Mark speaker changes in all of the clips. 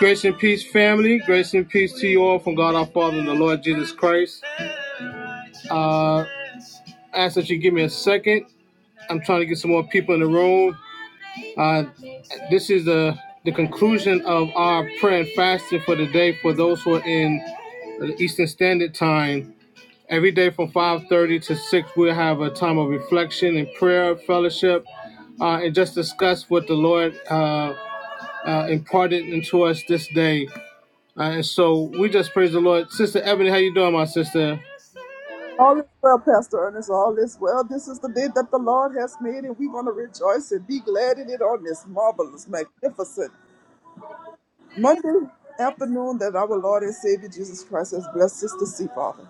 Speaker 1: Grace and peace, family. Grace and peace to you all from God our Father and the Lord Jesus Christ. Uh, ask that you give me a second. I'm trying to get some more people in the room. Uh, this is the the conclusion of our prayer and fasting for the day for those who are in the Eastern Standard Time. Every day from 5:30 to 6, we'll have a time of reflection and prayer, fellowship, uh, and just discuss what the Lord uh, uh, imparted into us this day. Uh, And so we just praise the Lord, Sister Ebony. How you doing, my sister?
Speaker 2: All is well, Pastor Ernest. All is well. This is the day that the Lord has made, and we're going to rejoice and be glad in it on this marvelous, magnificent Monday afternoon that our Lord and Savior Jesus Christ has blessed us to see, Father.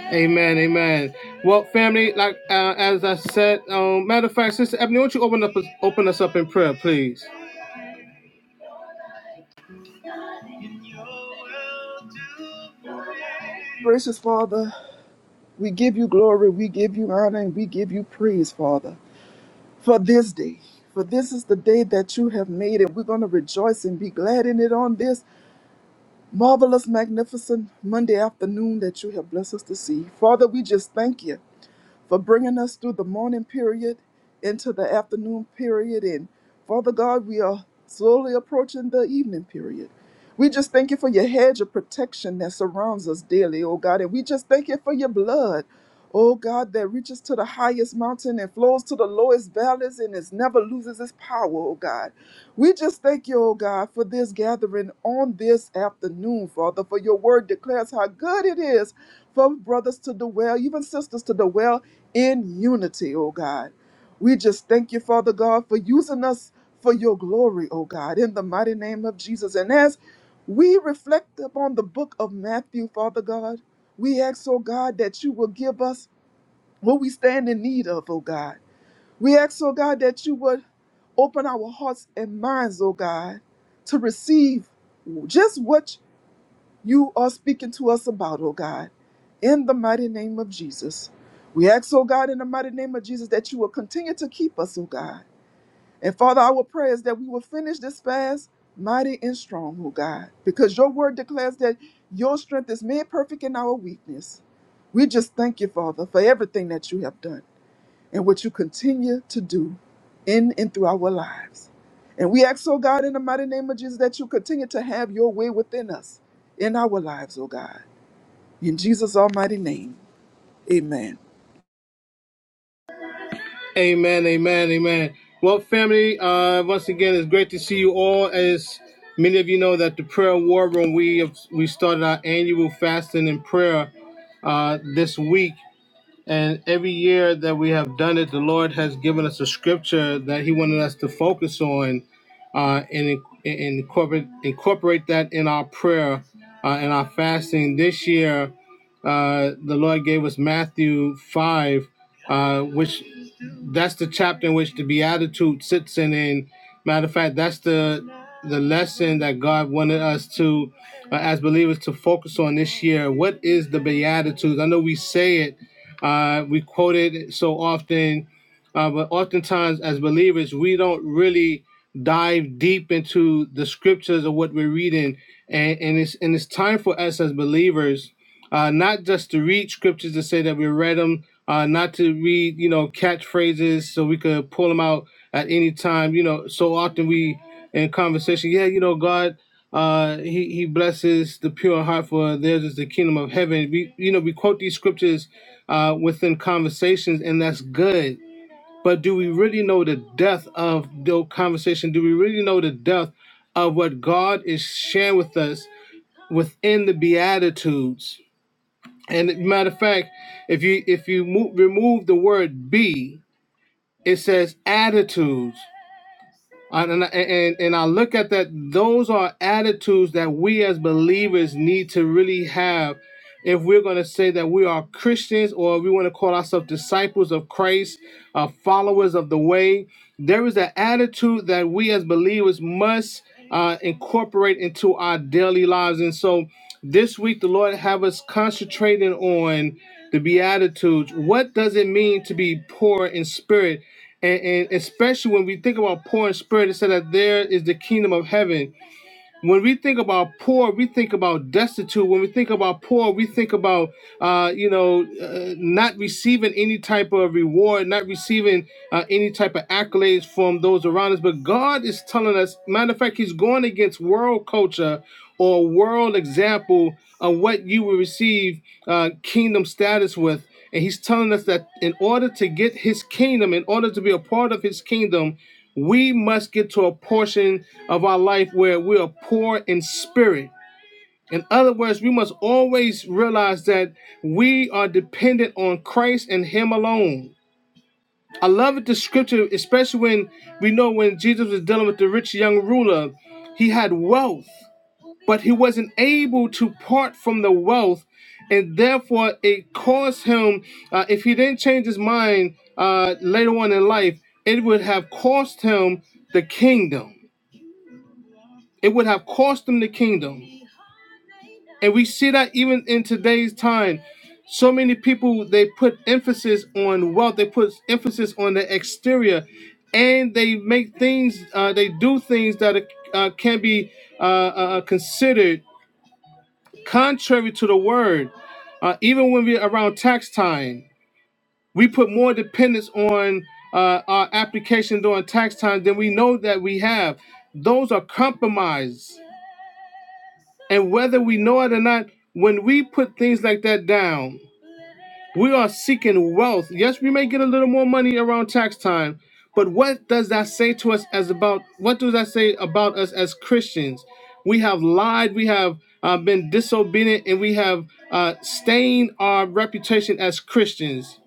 Speaker 1: Amen, amen. Well, family, like uh, as I said, um, matter of fact, Sister Ebony, won't you open up, open us up in prayer, please?
Speaker 2: Gracious Father, we give you glory, we give you honor, and we give you praise, Father, for this day. For this is the day that you have made, and we're going to rejoice and be glad in it on this marvelous, magnificent Monday afternoon that you have blessed us to see. Father, we just thank you. for bringing us through the morning period into the afternoon period. And Father God, we are slowly approaching the evening period. We just thank you for your hedge of protection that surrounds us daily, oh God. And we just thank you for your blood, oh God, that reaches to the highest mountain and flows to the lowest valleys and it never loses its power, oh God. We just thank you, oh God, for this gathering on this afternoon, Father, for your word declares how good it is for brothers to dwell, even sisters to dwell in unity, oh God. We just thank you, Father God, for using us for your glory, oh God, in the mighty name of Jesus. And as we reflect upon the book of Matthew, Father God, we ask, oh God, that you will give us what we stand in need of, oh God. We ask, oh God, that you would open our hearts and minds, oh God, to receive just what you are speaking to us about, oh God, in the mighty name of Jesus. We ask, oh God, in the mighty name of Jesus, that you will continue to keep us, oh God. And Father, our prayer is that we will finish this fast mighty and strong, oh God, because your word declares that your strength is made perfect in our weakness. We just thank you, Father, for everything that you have done and what you continue to do in and through our lives. And we ask, oh God, in the mighty name of Jesus, that you continue to have your way within us, in our lives, oh God. In Jesus' almighty name, amen.
Speaker 1: Amen, amen, amen. Well, family, uh, once again, it's great to see you all. As many of you know, that the prayer war room, we have, we started our annual fasting and prayer uh, this week. And every year that we have done it, the Lord has given us a scripture that He wanted us to focus on uh, and, and incorporate, incorporate that in our prayer uh, and our fasting. This year, uh, the Lord gave us Matthew 5, uh, which that's the chapter in which the Beatitude sits in. And matter of fact, that's the the lesson that God wanted us to, uh, as believers, to focus on this year. What is the Beatitudes? I know we say it uh, we quote it so often, uh, but oftentimes as believers, we don't really dive deep into the scriptures of what we're reading, and, and it's and it's time for us as believers, uh, not just to read scriptures to say that we read them, uh, not to read you know catchphrases so we could pull them out at any time. You know, so often we in conversation, yeah, you know, God. Uh, he he blesses the pure heart, for theirs is the kingdom of heaven. We you know we quote these scriptures uh, within conversations, and that's good. But do we really know the depth of the conversation? Do we really know the depth of what God is sharing with us within the Beatitudes? And matter of fact, if you if you move, remove the word "be," it says attitudes. And, and, and I look at that, those are attitudes that we as believers need to really have if we're going to say that we are Christians or if we want to call ourselves disciples of Christ, uh, followers of the way, there is an attitude that we as believers must uh, incorporate into our daily lives. And so this week, the Lord have us concentrating on the Beatitudes. What does it mean to be poor in spirit? And, and especially when we think about poor in spirit, it said that there is the kingdom of heaven when we think about poor, we think about destitute. When we think about poor, we think about uh, you know uh, not receiving any type of reward, not receiving uh, any type of accolades from those around us. But God is telling us. Matter of fact, He's going against world culture or world example of what you will receive uh, kingdom status with. And he's telling us that in order to get his kingdom, in order to be a part of his kingdom, we must get to a portion of our life where we are poor in spirit. In other words, we must always realize that we are dependent on Christ and Him alone. I love it, the scripture, especially when we know when Jesus was dealing with the rich young ruler, he had wealth, but he wasn't able to part from the wealth. And therefore, it caused him, uh, if he didn't change his mind uh, later on in life, it would have cost him the kingdom. It would have cost them the kingdom. And we see that even in today's time. So many people they put emphasis on wealth, they put emphasis on the exterior, and they make things, uh, they do things that uh, can be uh, uh, uh, considered contrary to the word. Uh, even when we're around tax time, we put more dependence on uh, our application during tax time than we know that we have. Those are compromised And whether we know it or not, when we put things like that down, we are seeking wealth. Yes, we may get a little more money around tax time, but what does that say to us as about what does that say about us as Christians? We have lied, we have uh, been disobedient, and we have uh, stained our reputation as Christians.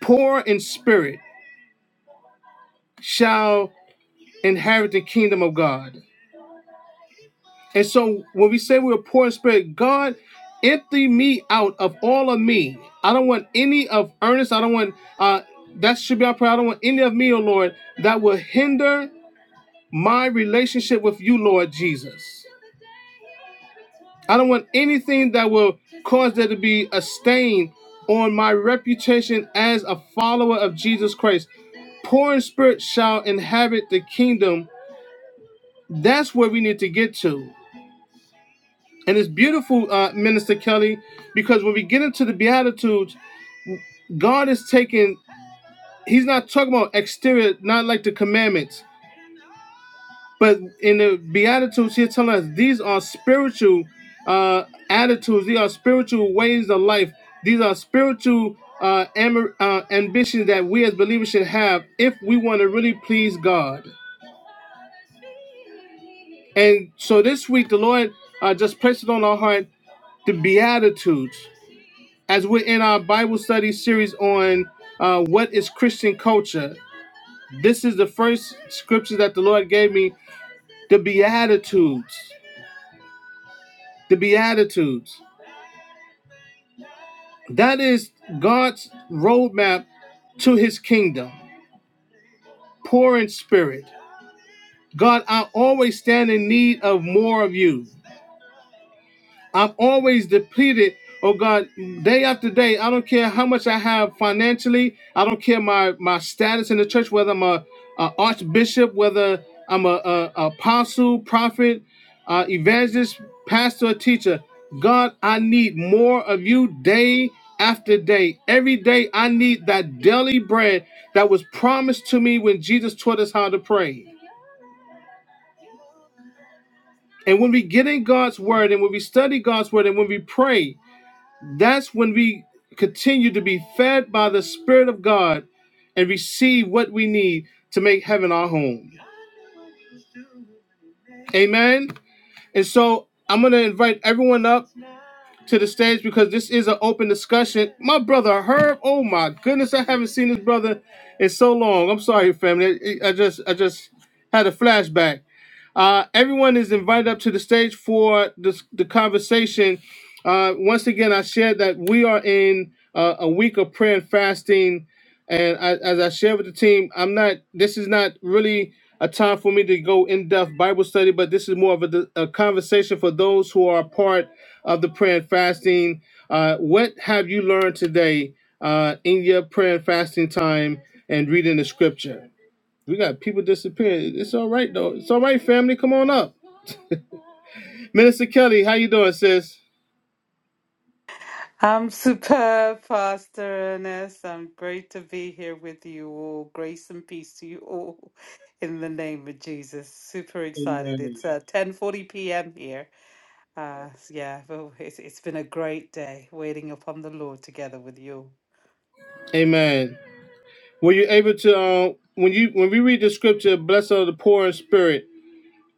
Speaker 1: Poor in spirit shall inherit the kingdom of God. And so when we say we're poor in spirit, God, empty me out of all of me. I don't want any of earnest. I don't want uh that should be our prayer. I don't want any of me, oh Lord, that will hinder my relationship with you, Lord Jesus. I don't want anything that will cause there to be a stain on my reputation as a follower of Jesus Christ. Poor in spirit shall inhabit the kingdom. That's where we need to get to. And it's beautiful, uh, Minister Kelly, because when we get into the Beatitudes, God is taking, He's not talking about exterior, not like the commandments, but in the Beatitudes, He's telling us these are spiritual uh, attitudes, these are spiritual ways of life, these are spiritual uh, am- uh, ambitions that we as believers should have if we want to really please God. And so this week, the Lord uh, just placed it on our heart the Beatitudes. as we're in our Bible study series on uh, what is Christian culture, this is the first scripture that the Lord gave me the Beatitudes. The Beatitudes. That is God's roadmap to his kingdom, poor in spirit. God, I always stand in need of more of you. I'm always depleted. Oh God, day after day, I don't care how much I have financially. I don't care my my status in the church, whether I'm a, a archbishop, whether I'm a, a, a apostle, prophet, uh, evangelist, pastor, or teacher. God, I need more of you day after day. Every day, I need that daily bread that was promised to me when Jesus taught us how to pray. And when we get in God's word, and when we study God's word, and when we pray, That's when we continue to be fed by the Spirit of God and receive what we need to make heaven our home. Amen. And so I'm going to invite everyone up. to the stage because this is an open discussion. My brother Herb, oh my goodness, I haven't seen this brother in so long. I'm sorry, family. I I just I just had a flashback. Uh, everyone is invited up to the stage for this, the conversation. Uh, once again, I shared that we are in uh, a week of prayer and fasting and I, as I share with the team, I'm not. This is not really a time for me to go in depth Bible study, but this is more of a, a conversation for those who are a part of the prayer and fasting. Uh, what have you learned today uh, in your prayer and fasting time and reading the scripture? We got people disappearing. It's all right though. It's all right, family. Come on up. Minister Kelly, how you doing, sis?
Speaker 3: I'm superb, Pastor Ernest. I'm great to be here with you all. Grace and peace to you all in the name of Jesus. Super excited.
Speaker 1: Amen.
Speaker 3: It's uh, 10.40 p.m. here. Uh, s- yeah, but it's, it's been a great day waiting upon the Lord together with you.
Speaker 1: Amen. Were you able to uh, when you when we read the scripture, blessed are the poor in spirit?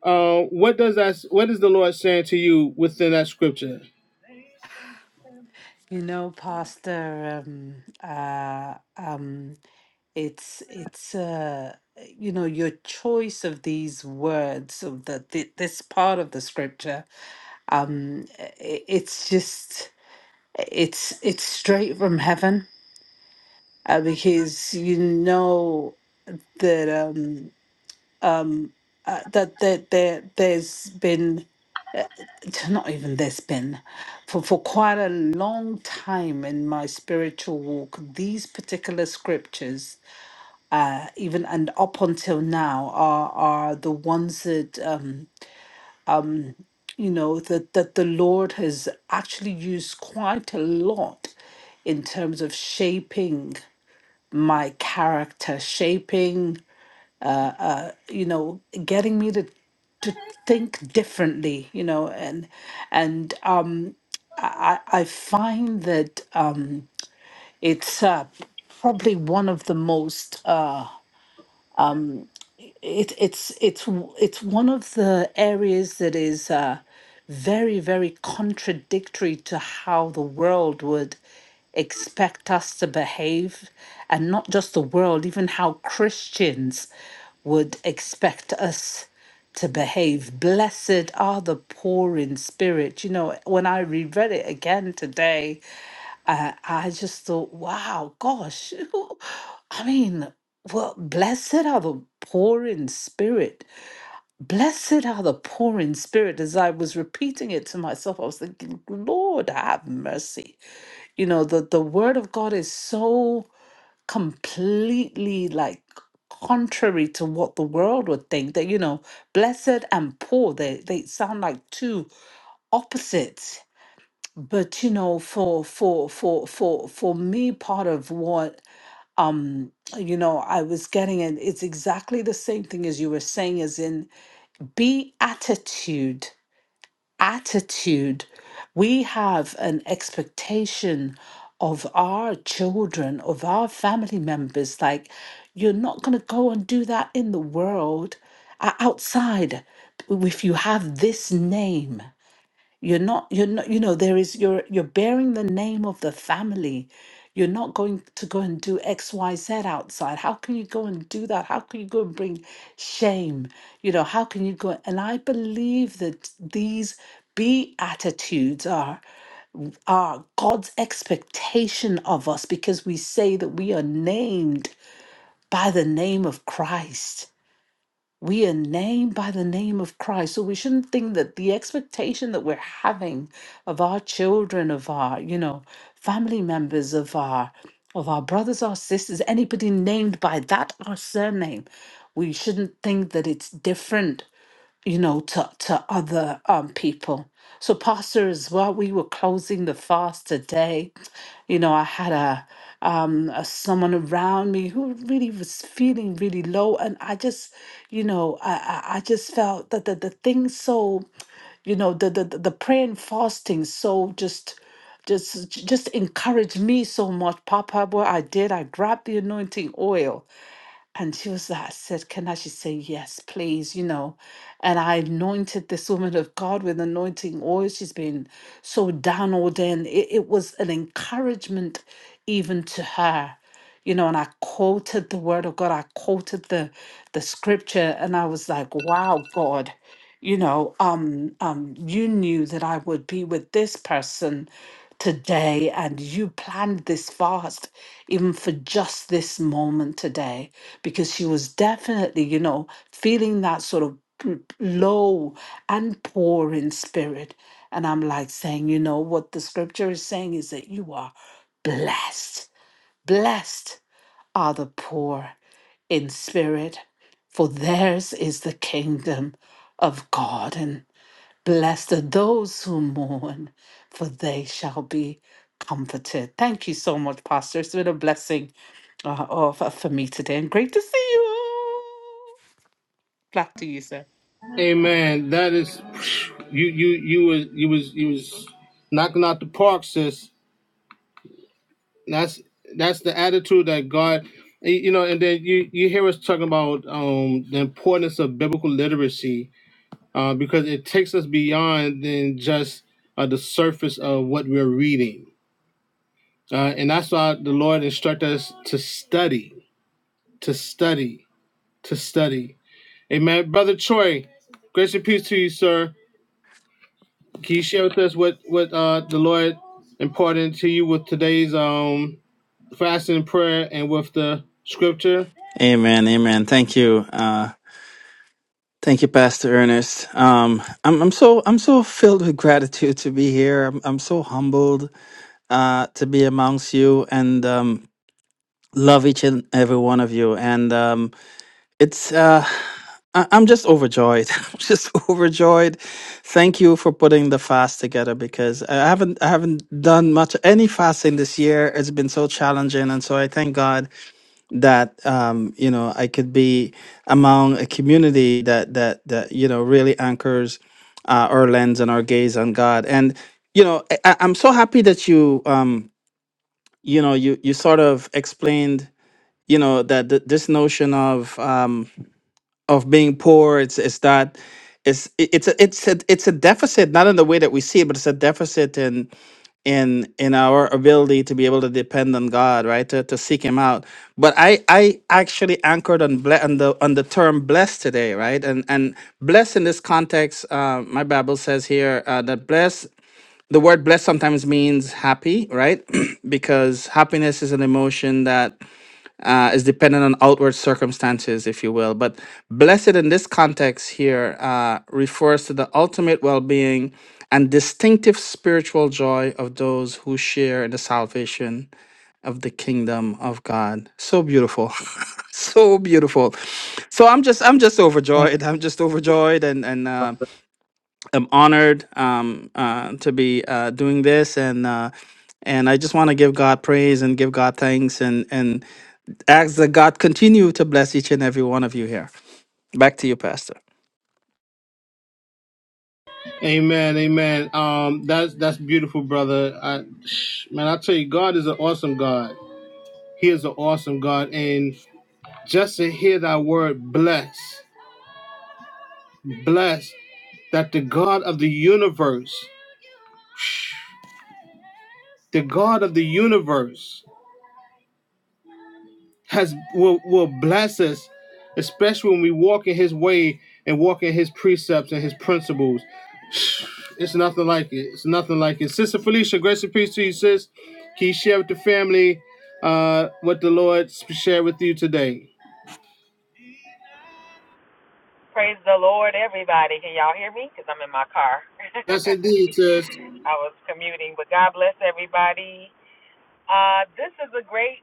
Speaker 1: Uh, what does that? What is the Lord saying to you within that scripture?
Speaker 3: You know, Pastor, um, uh, um, it's, it's, uh, you know, your choice of these words of the, the this part of the scripture um i- it's just it's it's straight from heaven uh, because you know that um um uh, that that there there's been not even there's been for for quite a long time in my spiritual walk these particular scriptures uh even and up until now are are the ones that um um, you know, that, that the Lord has actually used quite a lot in terms of shaping my character, shaping, you know, getting me to to think differently, you know, and and um I, I I find that um it's uh, probably one of the most uh it, it's it's w- it's one of the areas that is uh, very very contradictory to how the world would expect us to behave, and not just the world, even how Christians would expect us to behave. Blessed are the poor in spirit. You know, when I reread it again today, I, I just thought, wow, gosh, who- I mean, well, blessed are the poor in spirit. Blessed are the poor in spirit. As I was repeating it to myself, I was thinking, Lord, have mercy. You know, the, the word of God is so completely like contrary to what the world would think that, you know, blessed and poor, they, they sound like two opposites but you know for for for for for me part of what um you know i was getting and it's exactly the same thing as you were saying as in be attitude attitude we have an expectation of our children of our family members like you're not going to go and do that in the world uh, outside if you have this name you're not, you're not, you know, there is, you're, you're bearing the name of the family. You're not going to go and do X, Y, Z outside. How can you go and do that? How can you go and bring shame? You know, how can you go? And I believe that these beatitudes are, are God's expectation of us because we say that we are named by the name of Christ. We are named by the name of Christ. So we shouldn't think that the expectation that we're having of our children, of our, you know, family members, of our of our brothers, our sisters, anybody named by that our surname, we shouldn't think that it's different you know, to, to other um, people. So, Pastor, as well, we were closing the fast today. You know, I had a, um, a someone around me who really was feeling really low, and I just, you know, I I, I just felt that the the thing so, you know, the the the the prayer and fasting so just just j- just encouraged me so much papa what i did i grabbed the anointing oil and she was like, I said, Can I? She said, Yes, please, you know. And I anointed this woman of God with anointing oil. She's been so down all day. And it, it was an encouragement even to her, you know. And I quoted the word of God, I quoted the the scripture, and I was like, Wow, God, you know, um, um, you knew that I would be with this person today and you planned this fast even for just this moment today because she was definitely you know feeling that sort of p- low and poor in spirit and i'm like saying you know what the scripture is saying is that you are blessed blessed are the poor in spirit for theirs is the kingdom of god Blessed are those who mourn, for they shall be comforted. Thank you so much, Pastor. It's been a blessing uh, of, for me today, and great to see you all. Back to you, sir.
Speaker 1: Amen. That is, you you you was you was you was knocking out the park, sis. That's that's the attitude that God, you know. And then you you hear us talking about um the importance of biblical literacy, uh, because it takes us beyond than just uh, the surface of what we're reading, uh, and that's why the Lord instructs us to study, to study, to study. Amen. Brother Troy, grace and peace to you, sir. Can you share with us what, what uh the Lord imparted to you with today's um fasting and prayer and with the scripture?
Speaker 4: Amen, amen. Thank you, uh, thank you, Pastor Ernest. Um, I'm I'm so I'm so filled with gratitude to be here. I'm I'm so humbled uh, to be amongst you and um, love each and every one of you. And um, it's uh, I- I'm just overjoyed. I'm just overjoyed. Thank you for putting the fast together because I haven't I haven't done much any fasting this year. It's been so challenging, and so I thank God that um, you know I could be among a community that that that you know really anchors uh, our lens and our gaze on God. And you know I, I- I'm so happy that you um, you know you you sort of explained you know that th- this notion of um, of being poor. It's it's that it's it- it's a it's a it's a deficit, not in the way that we see it, but it's a deficit in in in our ability to be able to depend on God, right? To, to seek Him out. But I I actually anchored on ble- on the on the term blessed today, right? And and blessed in this context, uh, my Bible says here uh, that blessed. The word blessed sometimes means happy, right? because happiness is an emotion that uh, is dependent on outward circumstances, if you will. But blessed in this context here uh, refers to the ultimate well being and distinctive spiritual joy of those who share in the salvation of the kingdom of God. So beautiful. so beautiful. So I'm just I'm just overjoyed. I'm just overjoyed and and uh, I'm honored um, uh, to be uh, doing this and uh, and I just want to give God praise and give God thanks and and ask that God continue to bless each and every one of you here. Back to you, Pastor.
Speaker 1: Amen, amen. Um that's that's beautiful, brother. I man, I tell you, God is an awesome God. He is an awesome God. And just to hear that word bless, bless that the God of the universe, the God of the universe. has will, will bless us, especially when we walk in His way and walk in His precepts and His principles. It's nothing like it. It's nothing like it. Sister Felicia, grace and peace to you, sis. Can you share with the family uh, what the Lord shared with you today?
Speaker 5: Praise the Lord, everybody. Can y'all hear me? Because I'm in my car.
Speaker 1: Yes, indeed, sis.
Speaker 5: I was commuting, but God bless everybody. Uh, this is a great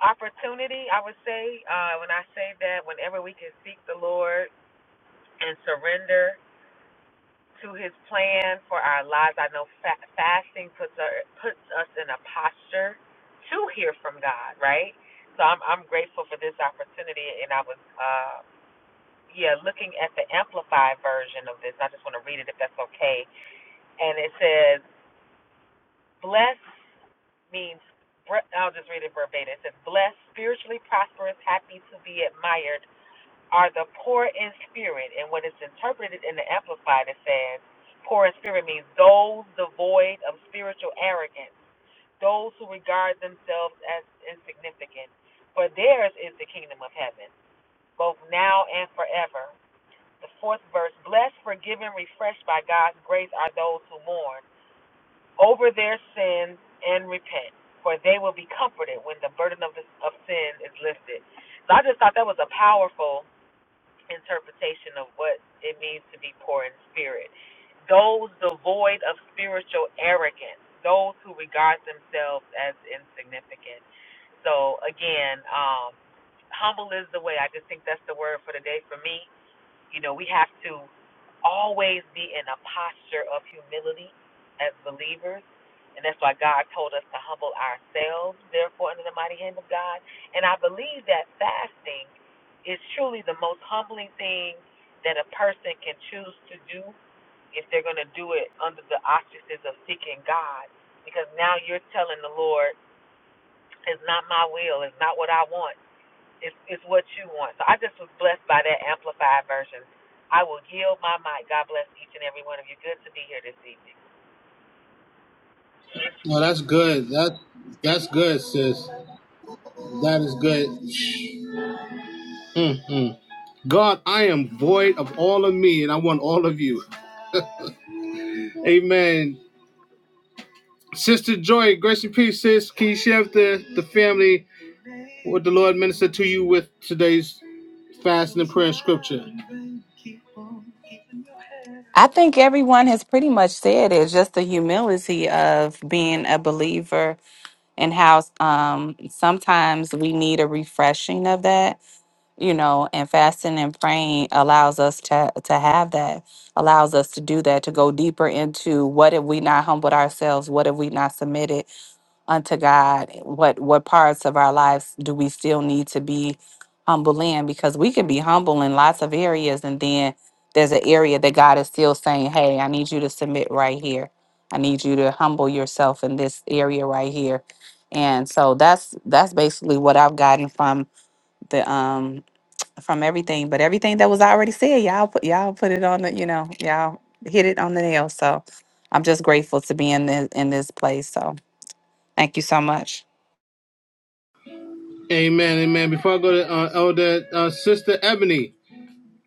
Speaker 5: opportunity, I would say. Uh, when I say that, whenever we can seek the Lord and surrender to His plan for our lives, I know fa- fasting puts our, puts us in a posture to hear from God, right? So I'm I'm grateful for this opportunity, and I was. uh, yeah, looking at the amplified version of this, I just want to read it if that's okay. And it says, "Bless means." I'll just read it verbatim. It says, "Blessed, spiritually prosperous, happy to be admired are the poor in spirit." And when it's interpreted in the amplified, it says, "Poor in spirit means those devoid of spiritual arrogance, those who regard themselves as insignificant, for theirs is the kingdom of heaven, both now and forever." The fourth verse Blessed, forgiven, refreshed by God's grace are those who mourn over their sins and repent, for they will be comforted when the burden of, the, of sin is lifted. So I just thought that was a powerful interpretation of what it means to be poor in spirit. Those devoid of spiritual arrogance, those who regard themselves as insignificant. So again, um, humble is the way. I just think that's the word for the day for me. You know, we have to always be in a posture of humility as believers. And that's why God told us to humble ourselves, therefore, under the mighty hand of God. And I believe that fasting is truly the most humbling thing that a person can choose to do if they're going to do it under the auspices of seeking God. Because now you're telling the Lord, it's not my will, it's not what I want is, is what you want. So I just was blessed by that amplified version. I will yield my mic. God bless each and every one of you. Good to be here this evening.
Speaker 1: Well, that's good. That that's good, sis. That is good. Mm-mm. God, I am void of all of me, and I want all of you. Amen. Sister Joy, grace and peace, sis. Can you share with the, the family what the Lord ministered to you with today's fasting and prayer and scripture?
Speaker 6: I think everyone has pretty much said it, just the humility of being a believer and how um, sometimes we need a refreshing of that, you know, and fasting and praying allows us to, to have that, allows us to do that, to go deeper into what if we not humbled ourselves? What if we not submitted? unto God? What what parts of our lives do we still need to be humble in? Because we can be humble in lots of areas, and then there's an area that God is still saying, "Hey, I need you to submit right here. I need you to humble yourself in this area right here." And so that's that's basically what I've gotten from the um from everything. But everything that was already said, y'all put y'all put it on the you know y'all hit it on the nail. So I'm just grateful to be in this in this place. So thank you so much.
Speaker 1: Amen, amen. Before I go to uh, Elder uh, Sister Ebony,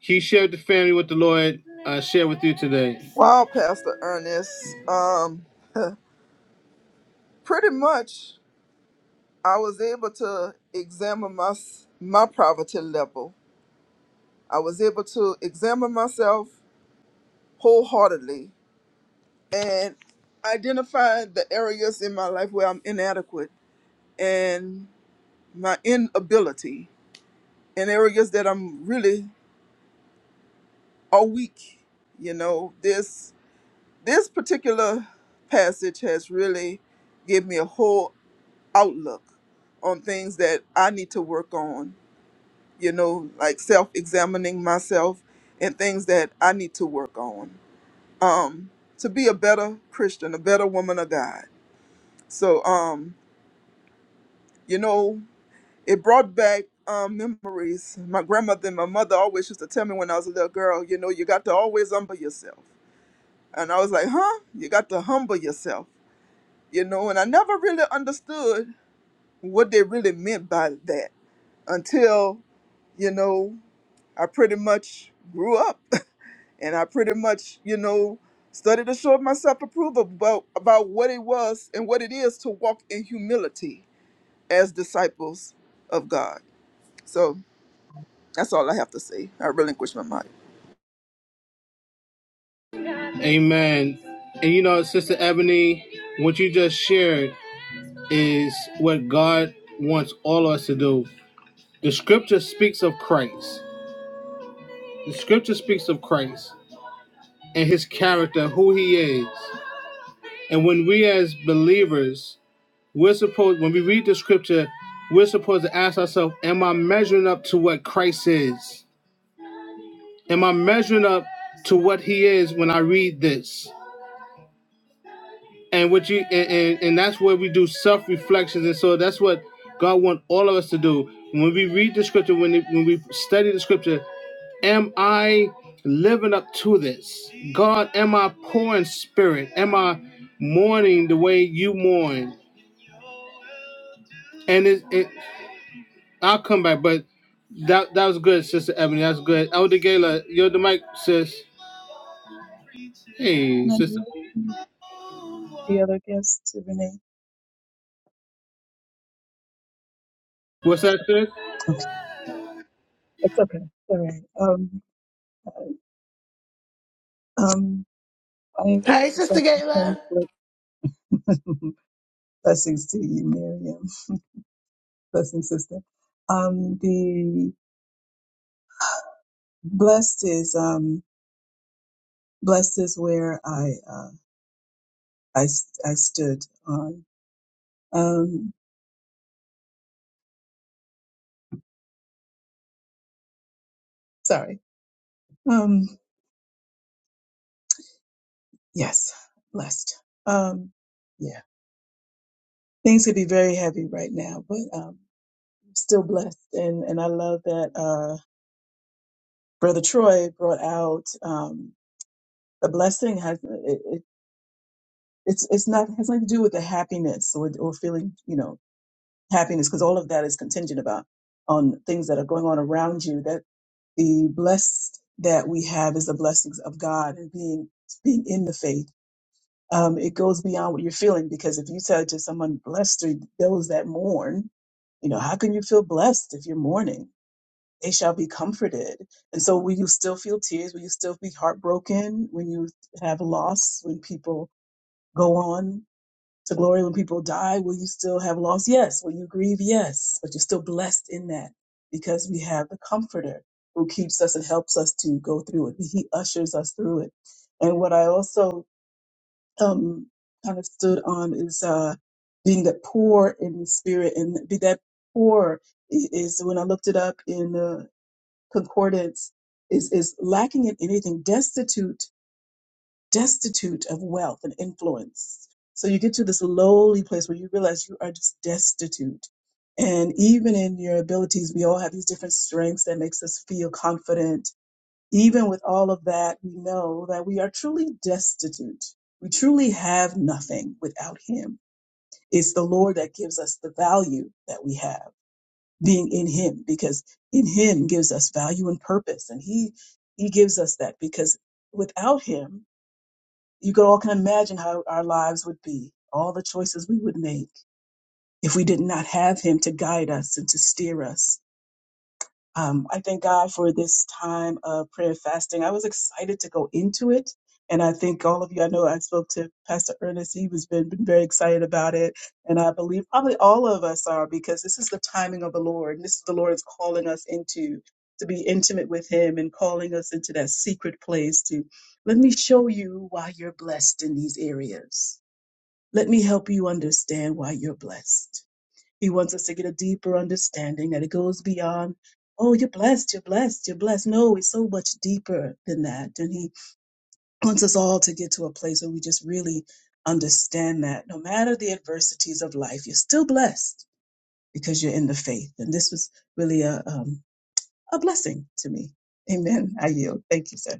Speaker 1: can you share with the family what the Lord uh, shared with you today?
Speaker 2: Wow, Pastor Ernest, um, pretty much I was able to examine my, my poverty level. I was able to examine myself wholeheartedly and identify the areas in my life where I'm inadequate. And my inability in areas that I'm really are weak. You know, this this particular passage has really given me a whole outlook on things that I need to work on, you know, like self-examining myself and things that I need to work on. Um to be a better Christian, a better woman of God. So um, you know, it brought back um, memories. My grandmother and my mother always used to tell me when I was a little girl, you know, you got to always humble yourself. And I was like, huh? You got to humble yourself, you know? And I never really understood what they really meant by that until, you know, I pretty much grew up and I pretty much, you know, started to show myself approval about, about what it was and what it is to walk in humility as disciples of God. So That's all I have to say. I relinquish my mic.
Speaker 1: Amen. And you know, Sister Ebony, what you just shared is what God wants all of us to do. The scripture speaks of Christ. The scripture speaks of Christ. and his character, who he is. And when we as believers, we're supposed when we read the scripture, we're supposed to ask ourselves, am I measuring up to what Christ is? Am I measuring up to what he is when I read this? And what you and, and, and that's where we do self-reflections. And so that's what God wants all of us to do. When we read the scripture, when, it, when we study the scripture, Am I living up to this? God, am I poor in spirit? Am I mourning the way you mourn? And it, it I'll come back, but that that was good, Sister Ebony. That's good. Elder Gala, are the mic, sis. Hey,
Speaker 7: Can I
Speaker 1: sister.
Speaker 7: yield the other guest, to Renee?
Speaker 1: What's that, sis?
Speaker 7: Okay. It's okay. It's all right. Um, um, I
Speaker 8: Hey,
Speaker 7: was
Speaker 8: Sister
Speaker 7: at
Speaker 8: Gayla.
Speaker 7: the conflict. Blessings to you, Miriam. Blessings, sister. Um, the blessed is, um, blessed is where I, uh, I, st- I stood on. Um, sorry. Um, yes, blessed. Um, yeah. Things could be very heavy right now, but, um, still blessed. And, and I love that, Uh, Brother Troy brought out um, the blessing has it, it, it's it's not has nothing to do with the happiness or or feeling you know happiness because all of that is contingent about on things that are going on around you. That the blessed that we have is the blessings of God and being being in the faith. Um, it goes beyond what you're feeling because if you said to someone blessed are those that mourn, you know how can you feel blessed if you're mourning? they shall be comforted. And so, will you still feel tears? Will you still be heartbroken when you have loss, when people go on to glory, when people die? Will you still have loss? Yes. Will you grieve? Yes. But you're still blessed in that because we have the Comforter who keeps us and helps us to go through it. He ushers us through it. And what I also um, kind of stood on is uh, being that poor in the spirit and be that poor i- is when I looked it up in concordance is is lacking in anything destitute destitute of wealth and influence so you get to this lowly place where you realize you are just destitute and even in your abilities we all have these different strengths that makes us feel confident even with all of that we know that we are truly destitute we truly have nothing without him it's the lord that gives us the value that we have being in him because in him gives us value and purpose and he he gives us that because without him you could all can imagine how our lives would be all the choices we would make if we did not have him to guide us and to steer us um, I thank God for this time of prayer and fasting. I was excited to go into it. And I think all of you, I know I spoke to Pastor Ernest. He was been, been very excited about it. And I believe probably all of us are because this is the timing of the Lord. And this is the Lord is calling us into to be intimate with him and calling us into that secret place to let me show you why you're blessed in these areas. Let me help you understand why you're blessed he wants us to get a deeper understanding that it goes beyond, oh, you're blessed, you're blessed, you're blessed. No, it's so much deeper than that. And he wants us all to get to a place where we just really understand that no matter the adversities of life, you're still blessed because you're in the faith. And this was really a, um, a blessing to me. Amen. I yield. Thank you, sir.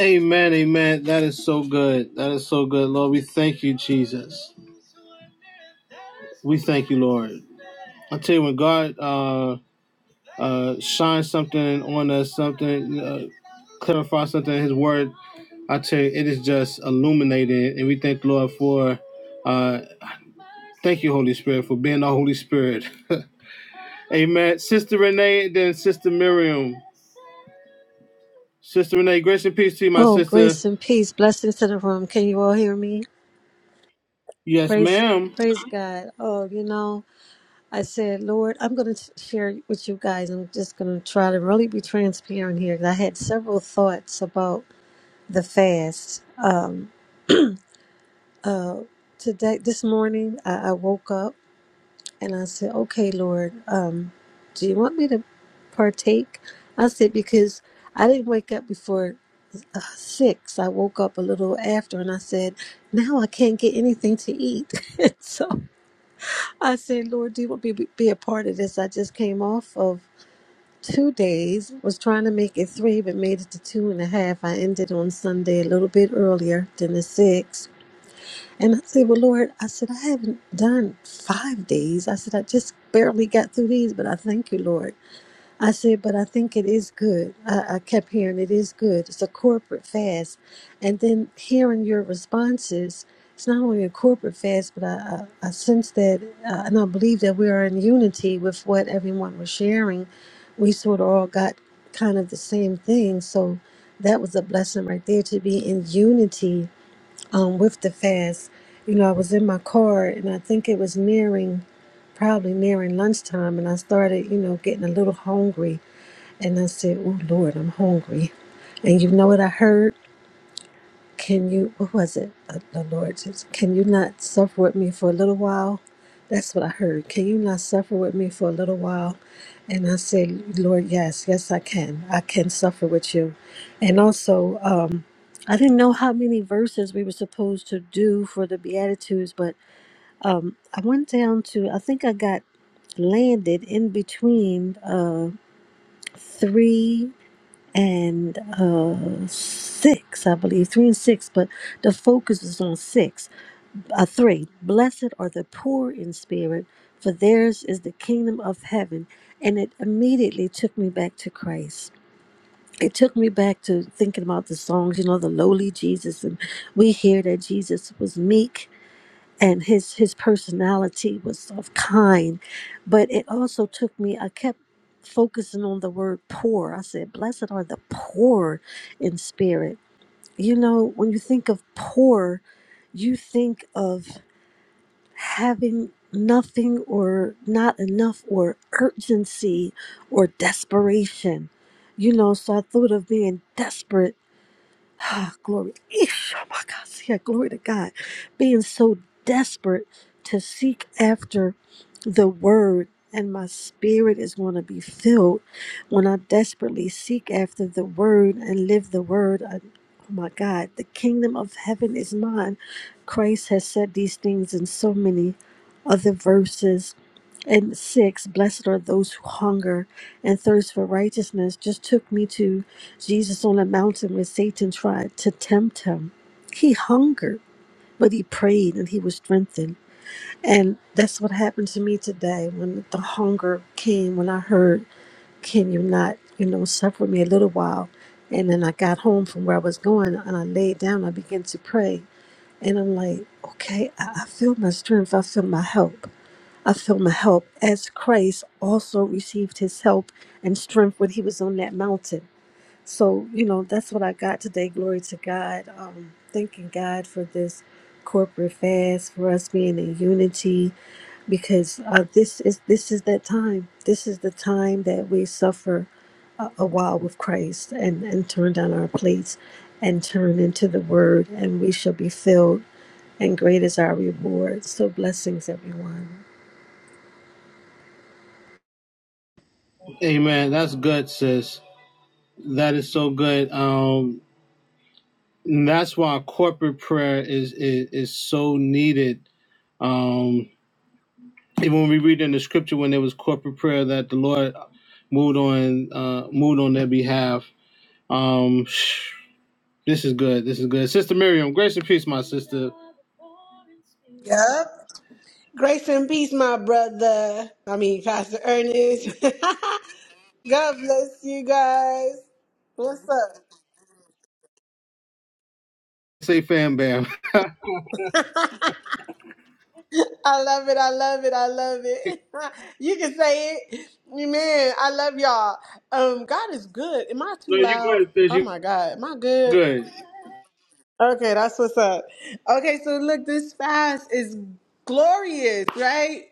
Speaker 1: Amen, amen. That is so good. That is so good, Lord. We thank you, Jesus. We thank you, Lord. I tell you, when God uh, uh, shines something on us, something. uh, clarify something in his word, I tell you, it is just illuminating. And we thank the Lord for, uh, thank you, Holy Spirit, for being the Holy Spirit. Amen. Sister Renee, then Sister Miriam. Sister Renee, grace and peace to you, my
Speaker 9: Oh
Speaker 1: sister.
Speaker 9: grace and peace, blessings to the room. Can you all hear me?
Speaker 1: Yes,
Speaker 9: Praise,
Speaker 1: ma'am.
Speaker 9: praise God. Oh, you know, I said, Lord, I'm going to share with you guys. I'm just going to try to really be transparent here. 'cause I had several thoughts about the fast. Um, today, this morning, I, I woke up and I said, okay, Lord, um, do you want me to partake? I said, because I didn't wake up before uh, six. I woke up a little after and I said, Now I can't get anything to eat. so I said, Lord, do you want me to be a part of this? I just came off of two days, was trying to make it three, but made it to two and a half. I ended on Sunday a little bit earlier than the six. And I said, Well, Lord, I said, I haven't done five days. I said, I just barely got through these, but I thank you, Lord. I said, but I think it is good. I, I kept hearing it is good. It's a corporate fast. And then hearing your responses, it's not only a corporate fast, but I, I, I sense that, uh, and I believe that we are in unity with what everyone was sharing. We sort of all got kind of the same thing. So that was a blessing right there to be in unity um, with the fast. You know, I was in my car and I think it was nearing, probably nearing lunchtime, and I started, you know, getting a little hungry and I said, Oh Lord, I'm hungry. And you know what I heard? Can you, what was it? Uh, the Lord says, Can you not suffer with me for a little while? That's what I heard. Can you not suffer with me for a little while? And I said, Lord, yes, yes, I can. I can suffer with you. And also, um, I didn't know how many verses we were supposed to do for the Beatitudes, but um, I went down to, I think I got landed in between uh, three and uh, six, I believe, three and six, but the focus is on six. Uh, three, blessed are the poor in spirit, for theirs is the kingdom of heaven. And it immediately took me back to Christ. It took me back to thinking about the songs, you know, the lowly Jesus. And we hear that Jesus was meek and his his personality was sort of kind but it also took me i kept focusing on the word poor i said blessed are the poor in spirit you know when you think of poor you think of having nothing or not enough or urgency or desperation you know so i thought of being desperate Ah, glory. Eesh, oh my God. Yeah, glory to God. Being so desperate to seek after the word. And my spirit is going to be filled when I desperately seek after the word and live the word. I- oh my God, the kingdom of heaven is mine. Christ has said these things in so many other verses. And six, blessed are those who hunger and thirst for righteousness, just took me to Jesus on a mountain when Satan tried to tempt him. He hungered, but he prayed and he was strengthened. And that's what happened to me today when the hunger came, when I heard, Can you not, you know, suffer me a little while? And then I got home from where I was going and I laid down, I began to pray. And I'm like, Okay, I, I feel my strength, I feel my help. I feel my help as Christ also received his help and strength when he was on that mountain. So, you know, that's what I got today. Glory to God. Um, thanking God for this corporate fast, for us being in unity, because uh, this is this is that time. This is the time that we suffer a, a while with Christ and and turn down our plates and turn into the Word, and we shall be filled. And great is our reward. So blessings, everyone.
Speaker 1: Amen. That's good, sis. That is so good. Um, and that's why corporate prayer is is, is so needed. Um, Even when we read in the scripture when there was corporate prayer that the Lord moved on uh moved on their behalf. Um this is good. This is good. Sister Miriam, grace and peace, my sister.
Speaker 8: Yep. Grace and peace, my brother. I mean, Pastor Ernest. God bless you guys. What's up?
Speaker 1: Say fam bam.
Speaker 8: I love it. I love it. I love it. you can say it. Amen. I love y'all. Um, God is good. Am I too
Speaker 1: No, you
Speaker 8: loud?
Speaker 1: good, sis.
Speaker 8: Oh
Speaker 1: You
Speaker 8: my God. Am I good?
Speaker 1: good.
Speaker 8: Okay, that's what's up. Okay, so look, this fast is glorious, right?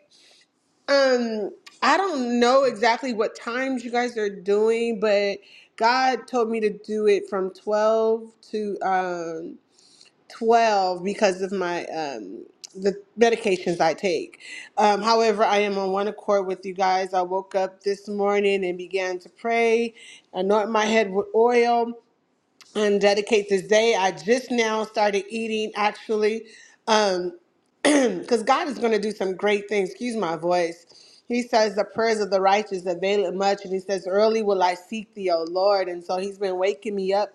Speaker 8: Um, I don't know exactly what times you guys are doing, but God told me to do it from 12 to um 12 because of my um the medications I take. Um, however, I am on one accord with you guys. I woke up this morning and began to pray, anoint my head with oil, and dedicate this day. I just now started eating actually. Um. because God is going to do some great things. Excuse my voice. He says the prayers of the righteous avail it much, and he says, "Early will I seek thee, O Lord." And so He's been waking me up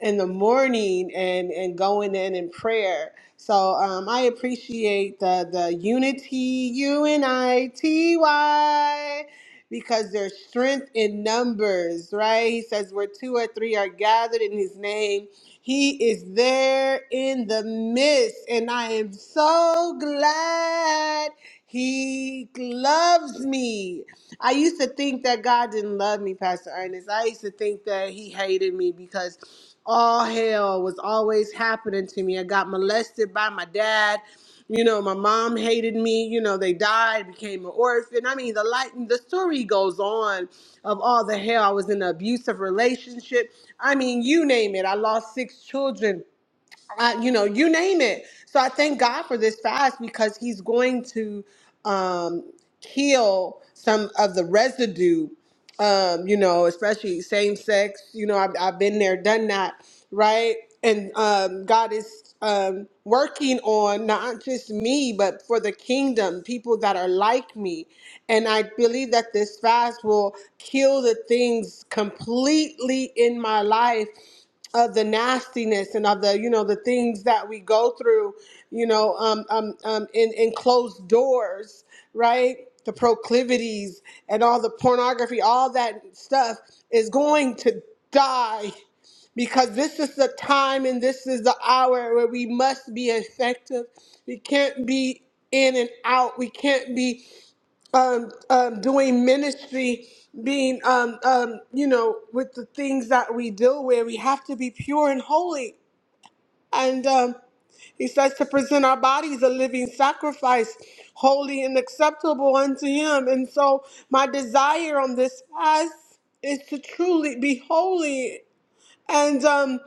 Speaker 8: in the morning and and going in in prayer. So um, I appreciate the the unity, U N I T Y because there's strength in numbers, right? He says, Where two or three are gathered in his name, he is there in the midst. And I am so glad he loves me. I used to think that God didn't love me, Pastor Ernest. I used to think that he hated me because all hell was always happening to me. I got molested by my dad. You know, my mom hated me. You know, they died, became an orphan. I mean, the light, the story goes on of all the hell. I was in an abusive relationship. I mean, you name it. I lost six children I, you know, you name it. So I thank God for this fast because He's going to um, kill some of the residue. Um, you know, especially same sex. You know, I've, I've been there, done that, right? And um, God is um, working on not just me, but for the kingdom, people that are like me. And I believe that this fast will kill the things completely in my life of the nastiness and of the you know the things that we go through you know um, um, um, in, in closed doors right the proclivities and all the pornography all that stuff is going to die because this is the time and this is the hour where we must be effective we can't be in and out we can't be um, um, doing ministry, being, um, um, you know, with the things that we deal with, we have to be pure and holy. And um, he says to present our bodies a living sacrifice, holy and acceptable unto him. And so, my desire on this fast is to truly be holy. And um,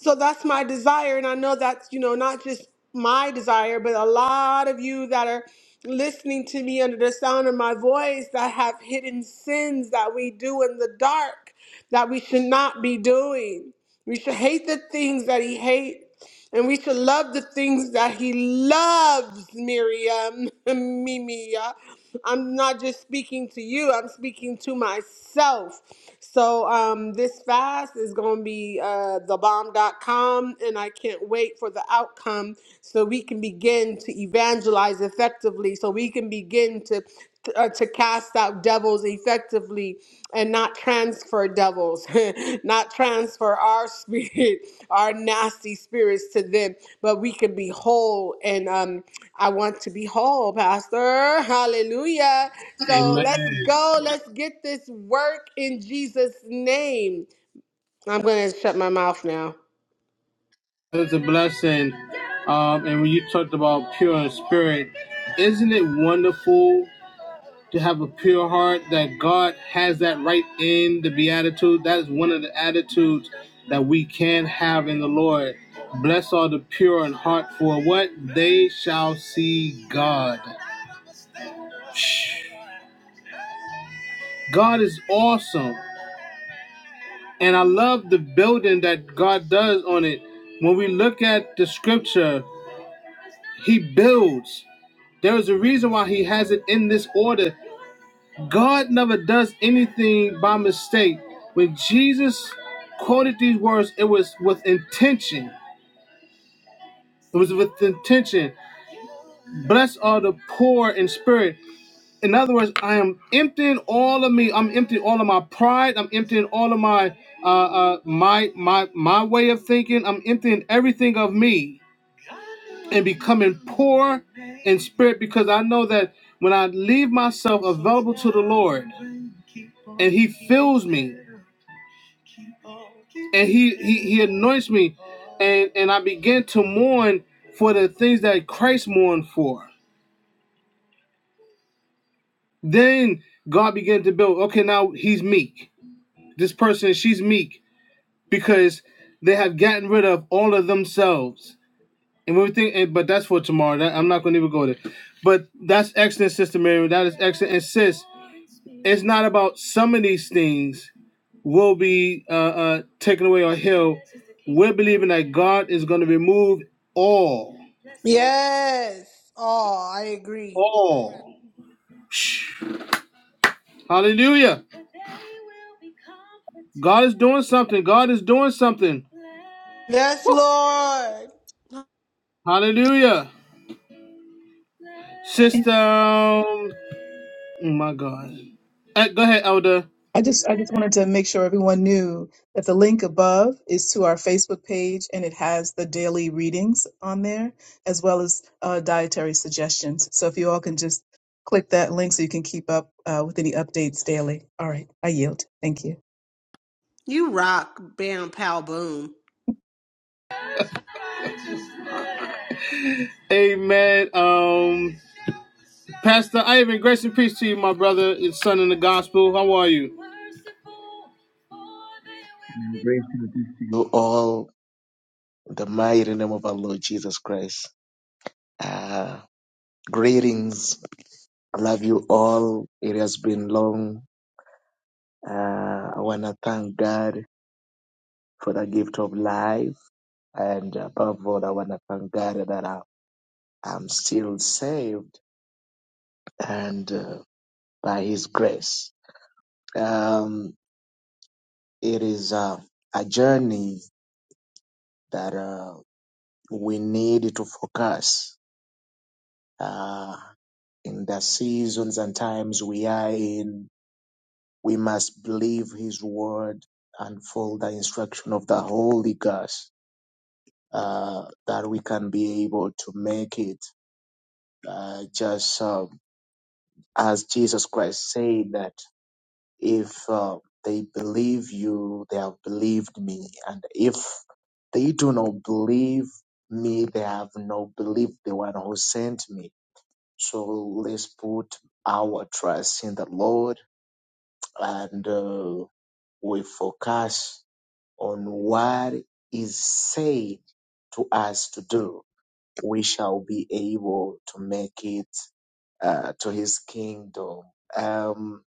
Speaker 8: so that's my desire. And I know that's, you know, not just my desire, but a lot of you that are listening to me under the sound of my voice that have hidden sins that we do in the dark that we should not be doing. We should hate the things that He hates. And we should love the things that he loves, Miriam, Mimi. uh, I'm not just speaking to you, I'm speaking to myself. So um, this fast is going to be uh, thebomb.com, and I can't wait for the outcome so we can begin to evangelize effectively, so we can begin to uh, to cast out devils effectively, and not transfer devils, not transfer our spirit, our nasty spirits to them, but we can be whole. And um, I want to be whole, Pastor. Hallelujah. So
Speaker 1: Amen.
Speaker 8: let's go. Let's get this work in Jesus' name. I'm going to shut my mouth now.
Speaker 1: It's a blessing. Um, and when you talked about pure in spirit, isn't it wonderful to have a pure heart that God has that right in the beatitude. That is one of the attitudes that we can have in the Lord. Blessed are the pure in heart, for what they shall see God. God is awesome, and I love the building that God does on it. When we look at the scripture, He builds. There is a reason why He has it in this order God never does anything by mistake. When Jesus quoted these words, it was with intention. It was with intention. Blessed are the poor in spirit. In other words, I am emptying all of me. I'm emptying all of my pride. I'm emptying all of my uh, uh, my my my way of thinking. I'm emptying everything of me and becoming poor in spirit because I know that when I leave myself available to the Lord and He fills me, and he, he he anoints me and and i began to mourn for the things that christ mourned for then god began to build okay now he's meek this person she's meek because they have gotten rid of all of themselves and everything and, but that's for tomorrow that, i'm not going to even go there but that's excellent sister mary that is excellent and sis it's not about some of these things will be uh, uh, taken away or healed, we're believing that God is going to remove all.
Speaker 8: Yes. Oh, I agree.
Speaker 1: All. Hallelujah. God is doing something. God is doing something.
Speaker 8: Yes, Lord.
Speaker 1: Hallelujah. Sister, um, oh my God. Uh, go ahead, Elder.
Speaker 7: I just I just wanted to make sure everyone knew that the link above is to our Facebook page and it has the daily readings on there as well as uh, dietary suggestions. So if you all can just click that link so you can keep up uh, with any updates daily. All right, I yield. Thank you.
Speaker 8: You rock, bam, pow, boom.
Speaker 1: Amen. Um, Pastor Ivan, grace and peace to you, my brother and son in the gospel. How are you?
Speaker 10: And grace and peace to you all, in the mighty name of our Lord Jesus Christ. Uh, greetings. I love you all. It has been long. Uh, I want to thank God for the gift of life. And above all, I want to thank God that I, I'm still saved and uh, by His grace. Um, it is uh, a journey that uh, we need to focus. Uh, in the seasons and times we are in, we must believe His word and follow the instruction of the Holy Ghost uh, that we can be able to make it. Uh, just um, as Jesus Christ said that if uh, they believe you, they have believed me, and if they do not believe me, they have not believed the one who sent me. So let's put our trust in the Lord and uh, we focus on what is said to us to do, we shall be able to make it uh, to his kingdom. Um,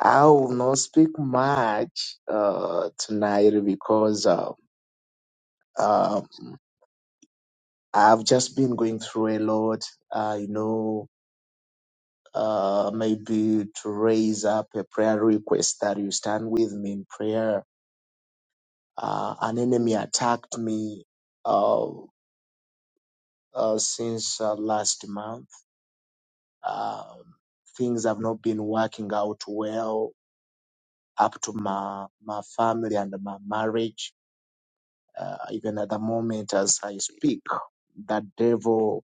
Speaker 10: I will not speak much uh, tonight because uh, um, I've just been going through a lot. Uh, You know uh, maybe to raise up a prayer request that you stand with me in prayer Uh, an enemy attacked me uh, uh, since uh, last month. Um things have not been working out well up to my, my family and my marriage. Uh, even at the moment as I speak, the devil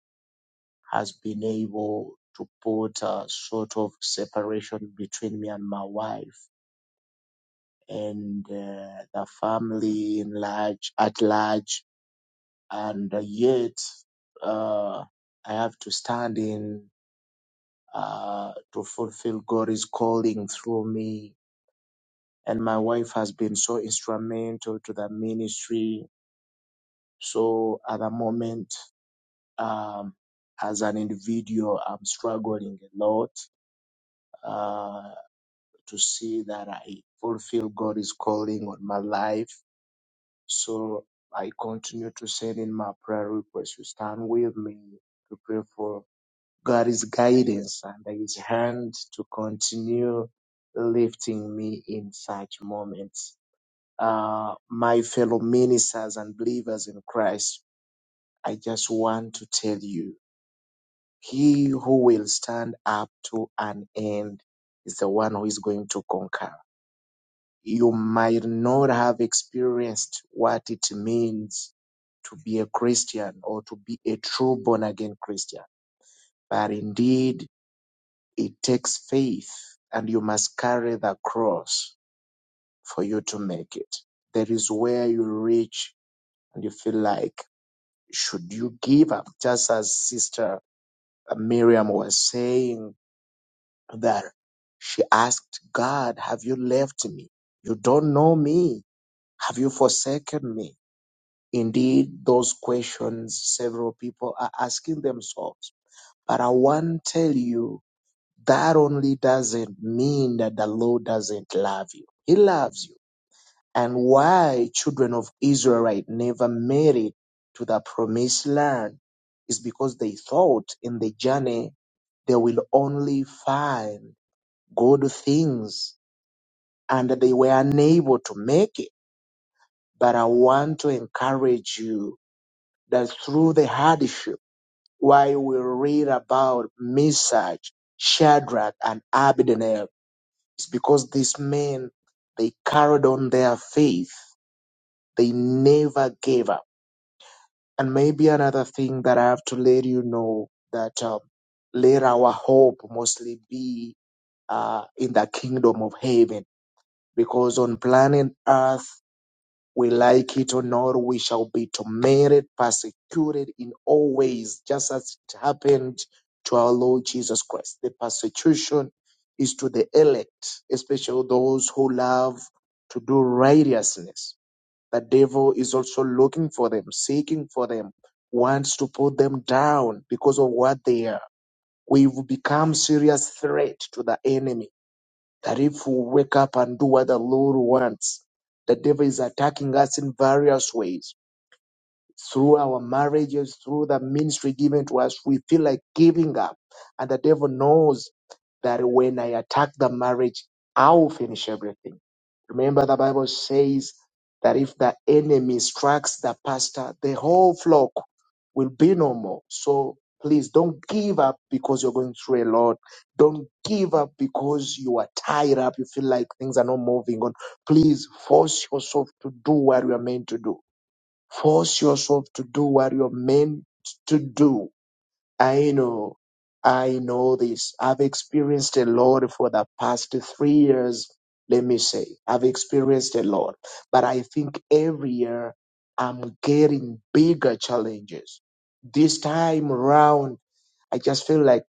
Speaker 10: has been able to put a sort of separation between me and my wife and uh, the family in large at large and uh, yet uh, I have to stand in uh, to fulfill God is calling through me. And my wife has been so instrumental to the ministry. So at the moment, um, as an individual, I'm struggling a lot uh, to see that I fulfill God is calling on my life. So I continue to send in my prayer requests. You stand with me to pray for God is guidance and His hand to continue lifting me in such moments. Uh, my fellow ministers and believers in Christ, I just want to tell you, he who will stand up to an end is the one who is going to conquer. You might not have experienced what it means to be a Christian or to be a true born again Christian, but indeed It takes faith and you must carry the cross for you to make it. There is where you reach and you feel like, should you give up? Just as Sister Miriam was saying that she asked God, have you left me? You don't know me. Have you forsaken me? Indeed, those questions several people are asking themselves. But I want to tell you that only doesn't mean that the Lord doesn't love you. He loves you. And why children of Israelite never made it to the promised land is because they thought in the journey they will only find good things and they were unable to make it. But I want to encourage you that through the hardship, while we read about Meshach, Shadrach, and Abednego, It's because these men, they carried on their faith. They never gave up. And maybe another thing that I have to let you know that um, let our hope mostly be uh, in the kingdom of heaven. Because on planet earth, we like it or not, we shall be tormented, persecuted in all ways, just as it happened to our Lord Jesus Christ. The persecution is to the elect, especially those who love to do righteousness. The devil is also looking for them, seeking for them, wants to put them down because of what they are. We've become serious threat to the enemy that if we wake up and do what the Lord wants, the devil is attacking us in various ways through our marriages, through the ministry given to us, we feel like giving up. And the devil knows that when I attack the marriage, I will finish everything. Remember, the Bible says that if the enemy strikes the pastor, the whole flock will be no more. So please don't give up because you're going through a lot. Don't give up because you are tired up. You feel like things are not moving on. Please force yourself to do what you are meant to do Force yourself to do what you're meant to do. I know. I know this. I've experienced a lot for the past three years. Let me say, I've experienced a lot, but I think every year I'm getting bigger challenges. This time round, I just feel like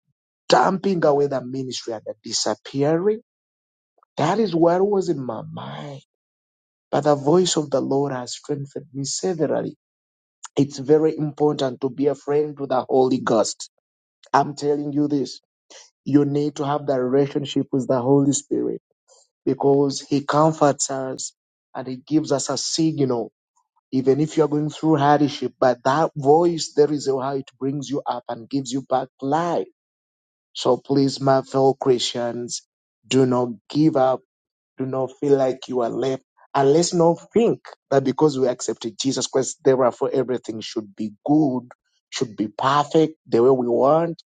Speaker 10: dumping away the ministry and disappearing. That is what was in my mind. But the voice of the Lord has strengthened me severally it's very important to be a friend to the Holy Ghost. I'm telling you this. You need to have that relationship with the Holy Spirit because He comforts us and He gives us a signal. Even if you're going through hardship, but that voice, there is how it brings you up and gives you back life. So please, my fellow Christians, do not give up do not feel like you are left. And let's not think that because we accepted Jesus Christ, therefore everything should be good, should be perfect, the way we want,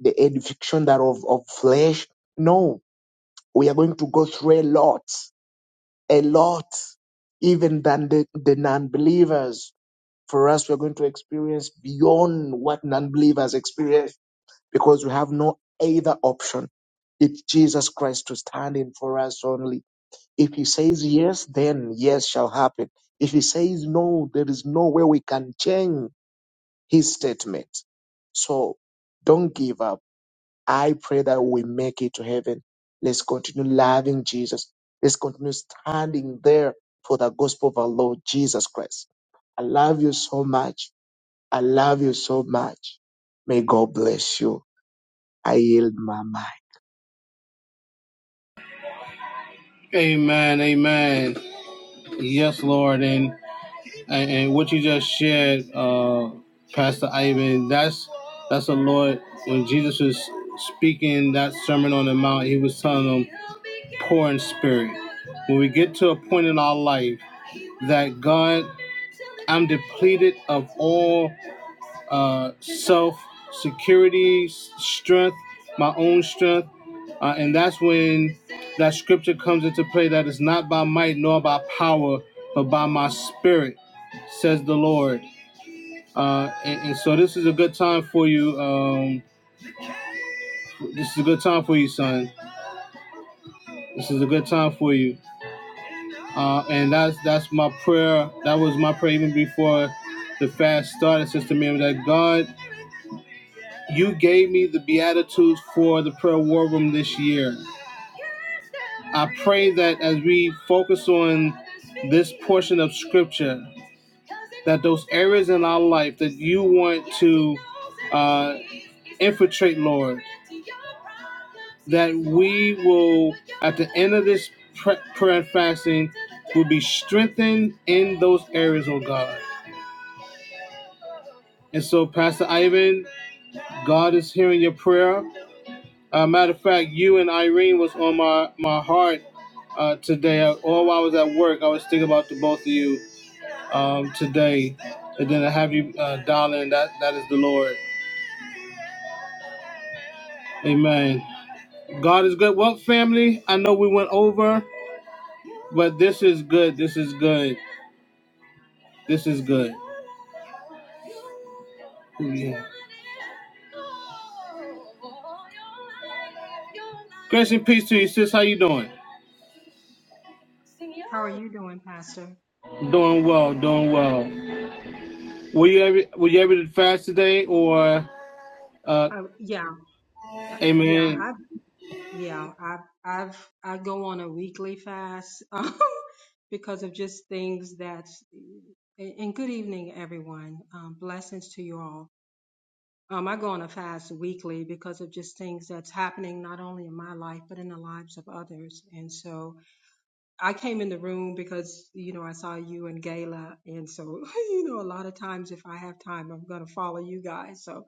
Speaker 10: the edification that of, of flesh. No, we are going to go through a lot, a lot, even than the, the non believers. For us, we're going to experience beyond what non believers experience because we have no either option. It's Jesus Christ to stand in for us only if he says yes, then yes shall happen. If he says no, there is no way we can change his statement. So don't give up. I pray that we make it to heaven. Let's continue loving Jesus. Let's continue standing there for the gospel of our Lord Jesus Christ. I love you so much. I love you so much. May God bless you. I yield, Mama.
Speaker 1: Amen. Amen. Yes, Lord. And And, and what you just shared, uh, Pastor Ivan, that's that's the Lord. When Jesus was speaking that Sermon on the Mount, he was telling them, poor in spirit. When we get to a point in our life that God, I'm depleted of all uh, self security, s- strength, my own strength. Uh, and that's when that scripture comes into play that is not by might nor by power, but by my spirit, says the Lord. Uh, and, and so this is a good time for you. Um, this is a good time for you, son. This is a good time for you. Uh, and that's that's my prayer. That was my prayer even before the fast started, Sister Mary. That God You gave me the Beatitudes for the prayer war room this year. I pray that as we focus on this portion of scripture, that those areas in our life that you want to uh, infiltrate, Lord, that we will, at the end of this prayer and fasting, will be strengthened in those areas, oh God. And so, Pastor Ivan, God is hearing your prayer. Uh, matter of fact, you and Irene was on my my heart uh, today. Uh, All while I was at work, I was thinking about the both of you um, today, and then I have you uh, dial in. That that is the Lord. Amen. God is good. Well, family, I know we went over, but this is good. This is good. This is good. Yeah. Grace and peace to you, sis. How you doing?
Speaker 11: How are you doing, Pastor?
Speaker 1: Doing well. Doing well. Were you able, were you able to fast today, or uh,
Speaker 11: Oh, yeah, uh, yeah,
Speaker 1: Amen?
Speaker 11: I, yeah, I, I've, I go on a weekly fast um, because of just things that. And and good evening, everyone. Um, blessings to you all. Um, I go on a fast weekly because of just things that's happening not only in my life but in the lives of others. And so I came in the room because you know I saw you and Gayla, and so you know a lot of times if I have time, I'm going to follow you guys. So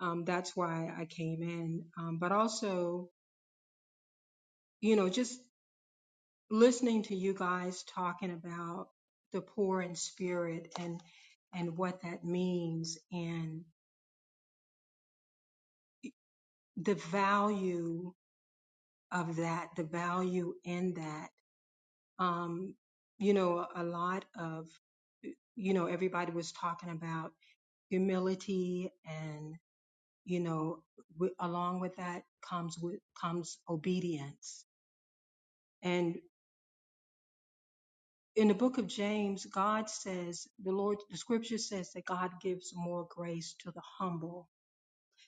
Speaker 11: Um, that's why I came in. Um, but also, you know, just listening to you guys talking about the poor in spirit and and what that means and the value of that, the value in that. Um, you know, a lot of you know everybody was talking about humility and you know w- along with that comes with comes obedience and. in the book of James, God says, the Lord, the scripture says that God gives more grace to the humble.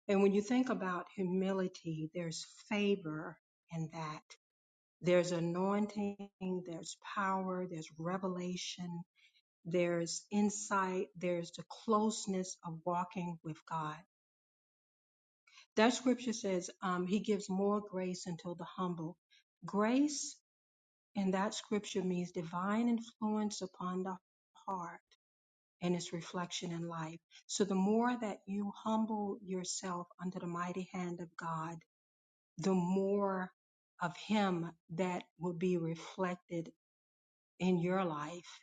Speaker 11: And when you think about humility, there's favor in that. There's anointing, there's power, there's revelation, there's insight, there's the closeness of walking with God. That scripture says um, he gives more grace unto the humble. Grace in that scripture means divine influence upon the heart and its reflection in life. So the more that you humble yourself under the mighty hand of God, the more of Him that will be reflected in your life.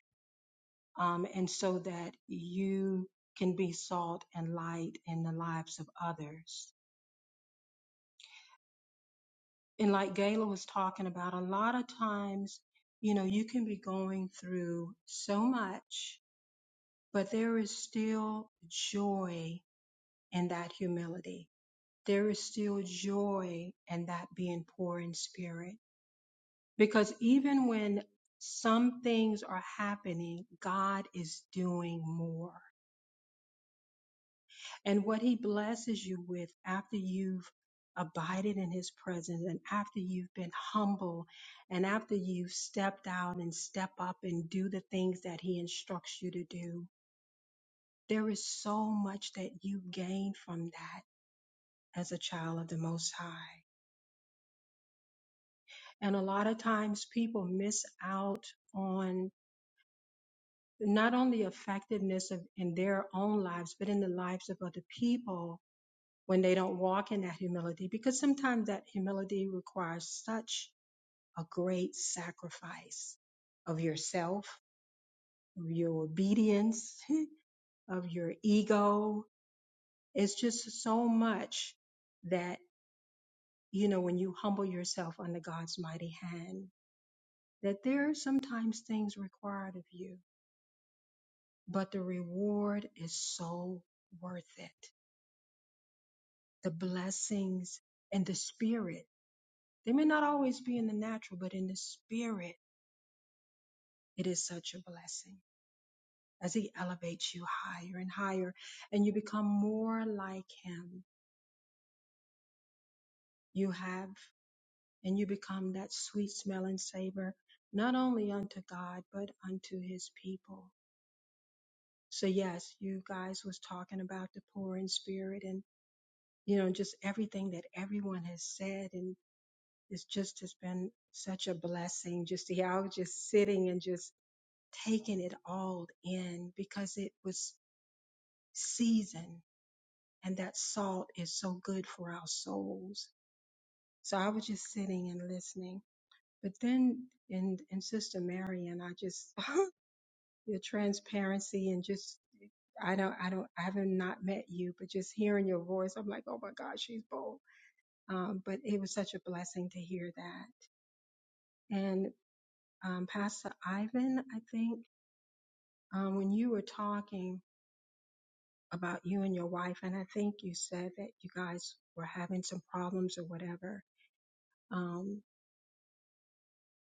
Speaker 11: Um, and so that you can be salt and light in the lives of others. And like Gayla was talking about, a lot of times, you know, you can be going through so much, but there is still joy in that humility there is still joy in that being poor in spirit. Because even when some things are happening, God is doing more. And what He blesses you with after you've abided in His presence and after you've been humble and after you've stepped out and step up and do the things that He instructs you to do, there is so much that you gain from that as a child of the Most High. And a lot of times people miss out on not only effectiveness of, in their own lives, but in the lives of other people when they don't walk in that humility, because sometimes that humility requires such a great sacrifice of yourself, of your obedience, of your ego. It's just so much that, you know, when you humble yourself under God's mighty hand, that there are sometimes things required of you but the reward is so worth it. The blessings and the spirit, they may not always be in the natural, but in the spirit, it is such a blessing as He elevates you higher and higher, and you become more like Him. You have, and you become that sweet smelling savor, not only unto God, but unto His people. So yes, you guys was talking about the poor in spirit and you know just everything that everyone has said and. it's just has been such a blessing just to hear. I was just sitting and just taking it all in because it was seasoned and that salt is so good for our souls. So I was just sitting and listening. But then in in Sister Marion, I just your transparency and just I don't I don't I haven't not met you, but just hearing your voice, I'm like, oh my God, she's bold. Um, but it was such a blessing to hear that. um, Pastor Ivan, I think, um, when you were talking about you and your wife, and I think you said that you guys were having some problems or whatever, um,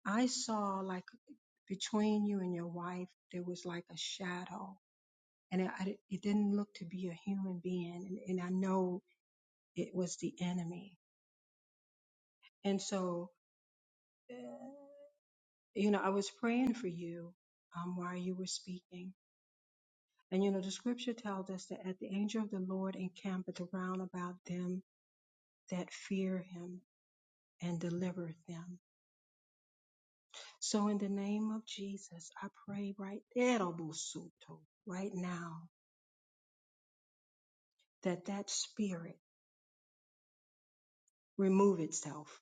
Speaker 11: I saw like between you and your wife, there was like a shadow, and it, I- it didn't look to be a human being. And, and I know it was the enemy. And so, uh, you know, I was praying for you um, while you were speaking And you know, the scripture tells us that at the angel of the Lord encampeth round about them that fear him and delivereth them. So in the name of Jesus, I pray right Erobosuto, right now that that spirit remove itself.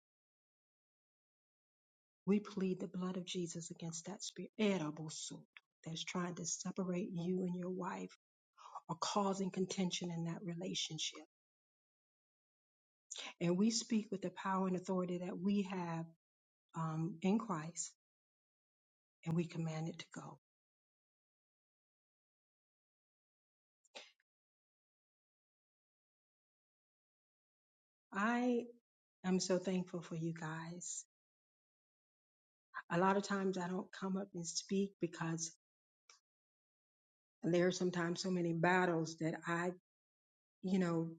Speaker 11: We plead the blood of Jesus against that spirit Erobosuto, that's trying to separate you and your wife or causing contention in that relationship. And we speak with the power and authority that we have um, in Christ and we command it to go. I am so thankful for you guys. A lot of times I don't come up and speak because there are sometimes so many battles that I, you know,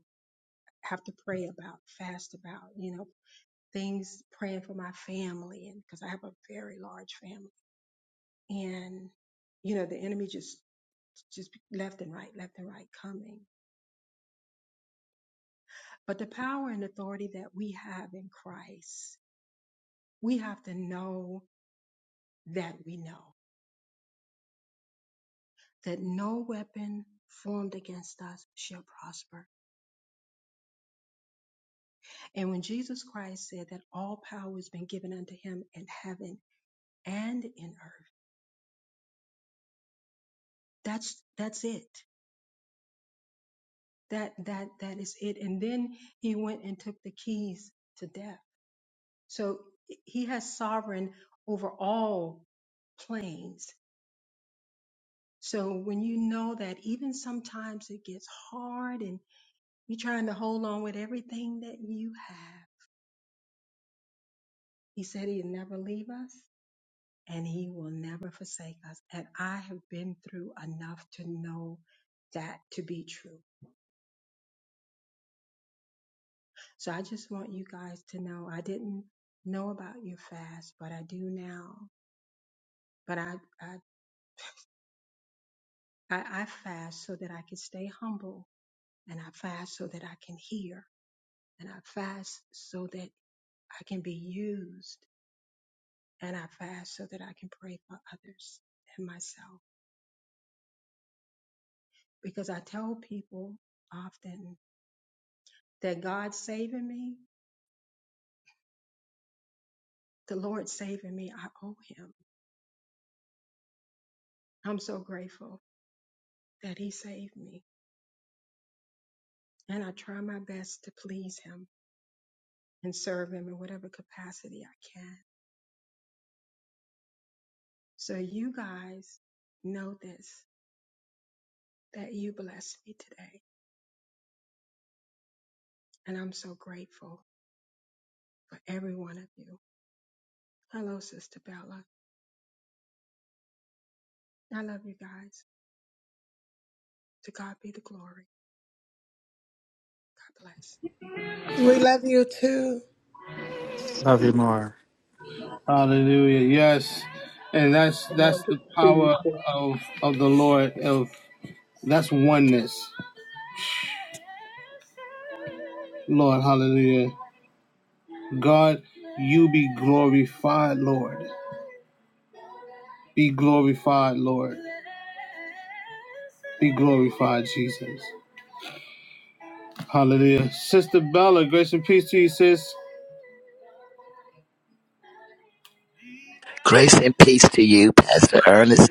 Speaker 11: have to pray about, fast about, you know, things praying for my family and because I have a very large family and you know the enemy just just left and right left and right coming but the power and authority that we have in Christ we have to know that we know that no weapon formed against us shall prosper. And when Jesus Christ said that all power has been given unto him in heaven and in earth, that's that's it. That that that is it. And then he went and took the keys to death. So he has sovereign over all planes. So when you know that even sometimes it gets hard and you're trying to hold on with everything that you have, he said he'd never leave us and he will never forsake us. And I have been through enough to know that to be true. So I just want you guys to know I didn't know about your fast, but I do now. But I I I, I fast so that I can stay humble and I fast so that I can hear and I fast so that I can be used and I fast so that I can pray for others and myself. Because I tell people often that God's saving me the Lord saving me, I owe him. I'm so grateful that he saved me. And I try my best to please him and serve him in whatever capacity I can. So you guys know this, that you blessed me today. And I'm so grateful for every one of you. Hello, Sister Bella. I love you guys. To God be the glory. God bless.
Speaker 8: We love you too.
Speaker 4: Love you more.
Speaker 1: Hallelujah. Yes. And that's that's the
Speaker 7: Amen.
Speaker 1: power of of the Lord of that's oneness. Lord, hallelujah. God, you be glorified, Lord. Be glorified, Lord. Be glorified, Jesus. Hallelujah. Sister Bella, grace and peace to you, sis.
Speaker 12: Grace and peace to you, Pastor Ernest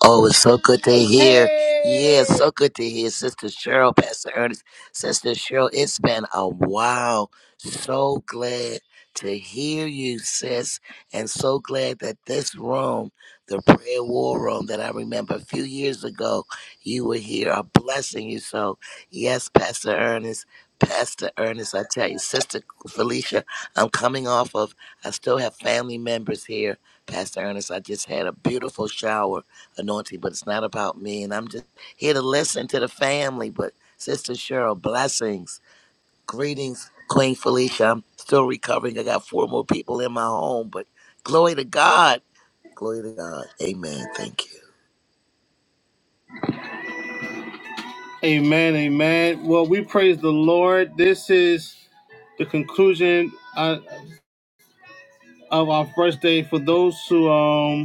Speaker 12: Oh, it's so good to hear. Yeah,
Speaker 8: Hey.
Speaker 12: it's so good to hear Sister Cheryl, Pastor Ernest. Sister Cheryl, it's been a while. So glad to hear you, sis, and so glad that this room, the prayer war room that I remember a few years ago, you were here. I'm blessing you. So, yes, Pastor Ernest. Pastor Ernest, I tell you, Sister Felicia, I'm coming off of, I still have family members here. Pastor Ernest, I just had a beautiful shower anointing, but it's not about me. And I'm just here to listen to the family. But Sister Cheryl, blessings, greetings, Queen Felicia. I'm still recovering. I got four more people in my home, but glory to God. Glory to God. Amen. Thank you.
Speaker 1: Amen. Amen. Well, we praise the Lord. This is the conclusion uh, of our first day for those who um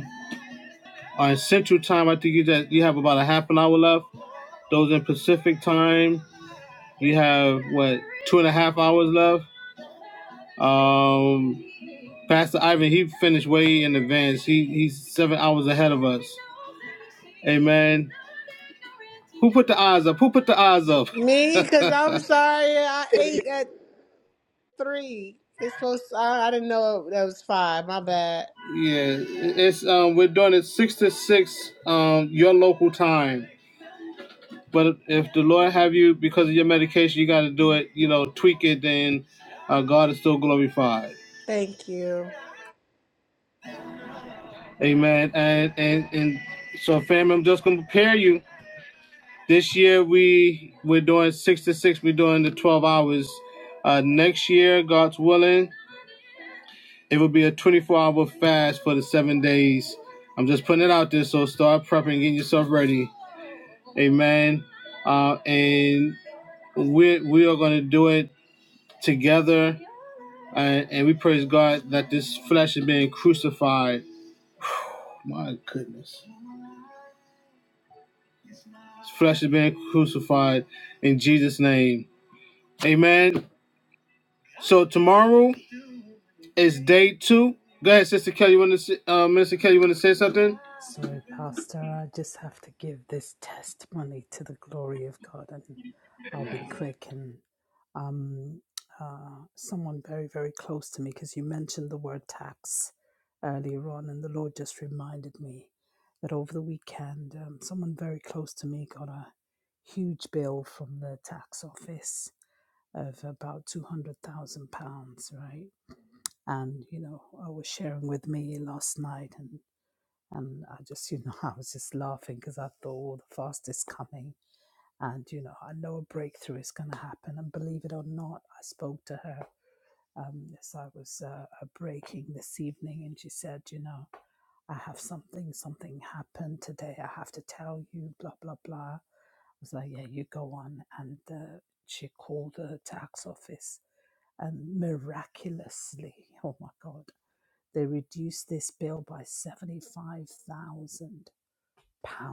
Speaker 1: On Central Time, I think you just you have about a half an hour left. Those in Pacific Time, you have what two and a half hours left. Um, Pastor Ivan, he finished way in advance. He he's seven hours ahead of us. Amen. Who put the eyes up? Who put the eyes up?
Speaker 8: Me, cause I'm
Speaker 1: yeah,
Speaker 8: sorry, I ate at three. It's supposed. to, I, I didn't know that was five. My bad.
Speaker 1: it's um we're doing it six to six um your local time. But if the Lord have you because of your medication, you got to do it. You know, tweak it. Then uh, God is still glorified.
Speaker 8: Thank you.
Speaker 1: Amen. And and and so, fam, I'm just gonna prepare you. This year we we're doing six to six. We're doing the twelve hours. Uh, next year, God's willing, it will be a 24 hour fast for the seven days. I'm just putting it out there, so start prepping, getting yourself ready. Amen. Uh, and we we are gonna do it together, and, and we praise God that this flesh is being crucified. My goodness. His flesh has been crucified in Jesus' name. Amen. So tomorrow is day two. Go ahead, Sister Kelly. You want to, uh, Minister Kelly, you want to say something?
Speaker 3: Sorry, Pastor, I just have to give this testimony to the glory of God, and I'll be quick. And um, uh, someone very, very close to me, because you mentioned the word tax earlier on, and the Lord just reminded me that over the weekend, um, someone very close to me, got a.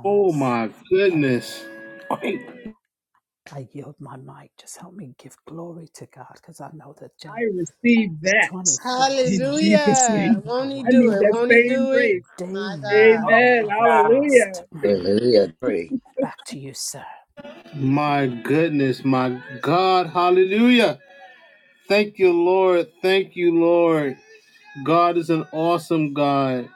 Speaker 1: Oh my goodness.
Speaker 7: I receive that in Jesus'
Speaker 8: Hallelujah.
Speaker 7: name.
Speaker 8: Won't he
Speaker 7: I
Speaker 8: do
Speaker 7: need
Speaker 8: it?
Speaker 7: that
Speaker 8: Won't he
Speaker 7: same
Speaker 8: do it?
Speaker 7: grace.
Speaker 3: Day
Speaker 8: My God.
Speaker 5: Glory
Speaker 3: one
Speaker 7: Amen.
Speaker 5: to God.
Speaker 3: fast.
Speaker 7: Hallelujah.
Speaker 12: Hallelujah. Glory.
Speaker 1: My goodness. My God. Hallelujah. Thank you, Lord. Thank you, Lord. God is an awesome God.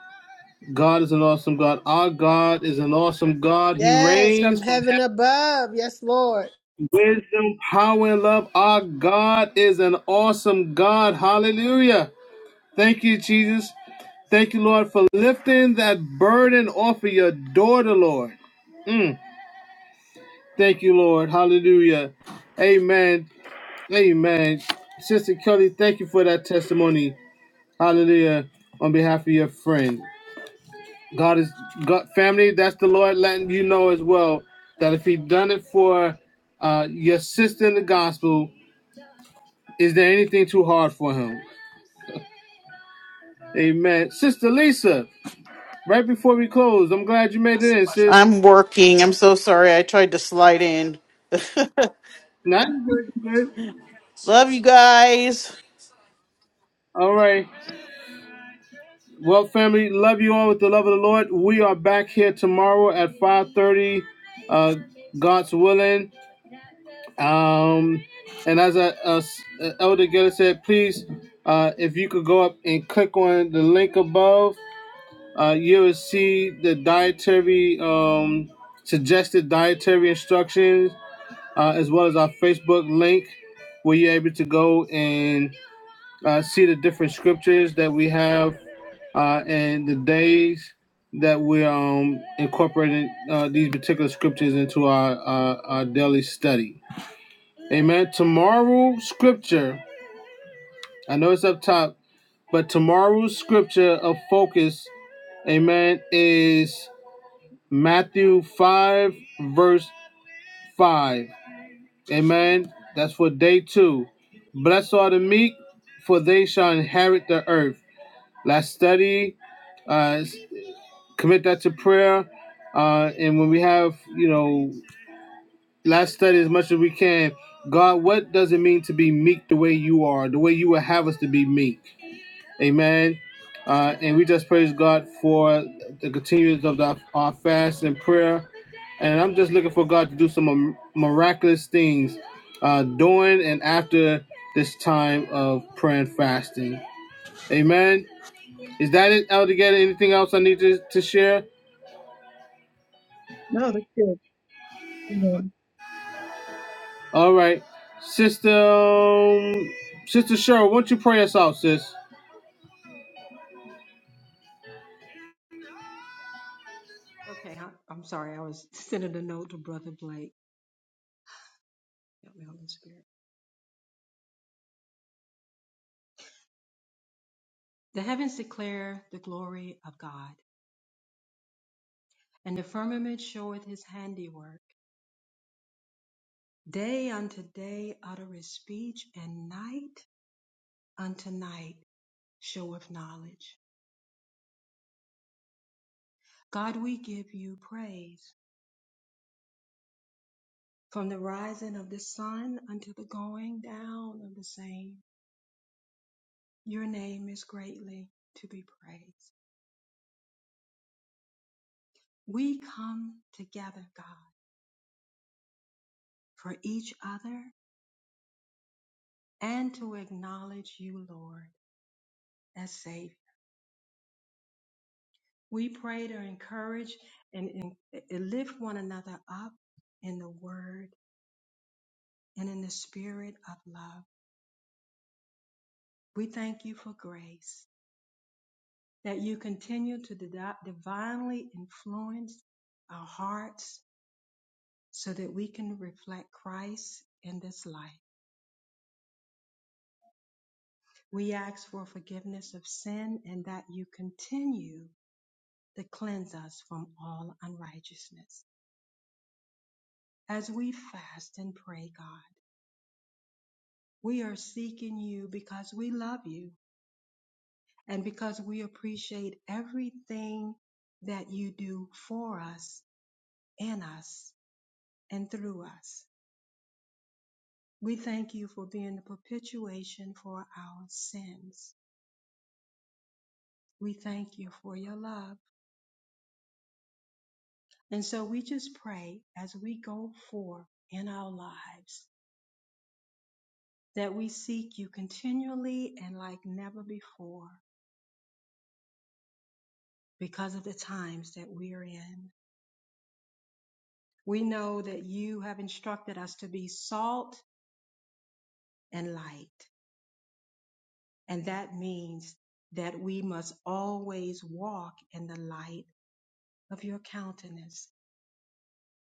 Speaker 1: God is an awesome God. Our God is an awesome God. He
Speaker 8: Yes, from
Speaker 1: reigns from heaven.
Speaker 8: heaven above. Yes, Lord.
Speaker 1: Wisdom, power, and love. Our God is an awesome God. Hallelujah. Thank you, Jesus. Thank you, Lord, for lifting that burden off of your daughter, Lord. Mm. Thank you, Lord. Hallelujah. Amen. Amen. Sister Kelly, thank you for that testimony. Hallelujah. On behalf of your friend. God is God family, that's the Lord letting you know as well that if he done it for uh, your sister in the gospel, is there anything too hard for him? Amen. Sister Lisa, right before we close, I'm glad you made it in, sis.
Speaker 13: I'm working. I'm so sorry. I tried to slide in.
Speaker 1: Not good, good.
Speaker 13: Love you guys.
Speaker 1: All right. Well, family, love you all with the love of the Lord. We are back here tomorrow at 5.30, uh, God's willing. Um, and as I, uh, Elder Geller said, please, uh, if you could go up and click on the link above, uh, you will see the dietary, um, suggested dietary instructions, uh, as well as our Facebook link where you're able to go and. uh, see the different scriptures that we have uh, and the days that we're um, incorporating uh, these particular scriptures into our, uh, our daily study. Amen. Tomorrow's scripture, I know it's up top, but tomorrow's scripture of focus, amen, is Matthew 5, verse 5. Amen. That's for day two. Blessed are the meek, for they shall inherit the earth. Let's study, uh, commit that to prayer. Uh, and when we have, you know, let's study as much as we can. God, what does it mean to be meek the way you are, the way you would have us to be meek? Amen. Uh, and we just praise God for the continuance of the, our fast and prayer. And I'm just looking for God to do some miraculous things uh, during and after this time of prayer and fasting. Amen. Is that it, Elder Getter? Anything else I need to, to share?
Speaker 7: No, that's good. Amen.
Speaker 1: All right. Sister, um, Sister Cheryl, won't you pray us out, sis?
Speaker 11: Okay, I, I'm sorry. I was sending a note to Brother Blake. Help me, Holy Spirit. The heavens declare the glory of God, and the firmament showeth his handiwork. Day unto day uttereth speech, and night unto night showeth knowledge. God, we give you praise from the rising of the sun unto the going down of the same. Your name is greatly to be praised. We come together, God, for each other and to acknowledge you, Lord, as Savior. We pray to encourage and, and and lift one another up in the word and in the spirit of love. We thank you for grace, that you continue to di- divinely influence our hearts so that we can reflect Christ in this life. We ask for forgiveness of sin and that you continue to cleanse us from all unrighteousness. As we fast and pray, God. We are seeking you because we love you and because we appreciate everything that you do for us, in us, and through us. We thank you for being the perpetuation for our sins. We thank you for your love. And so we just pray as we go forth in our lives that we seek you continually and like never before because of the times that we are in. We know that you have instructed us to be salt and light. And that means that we must always walk in the light of your countenance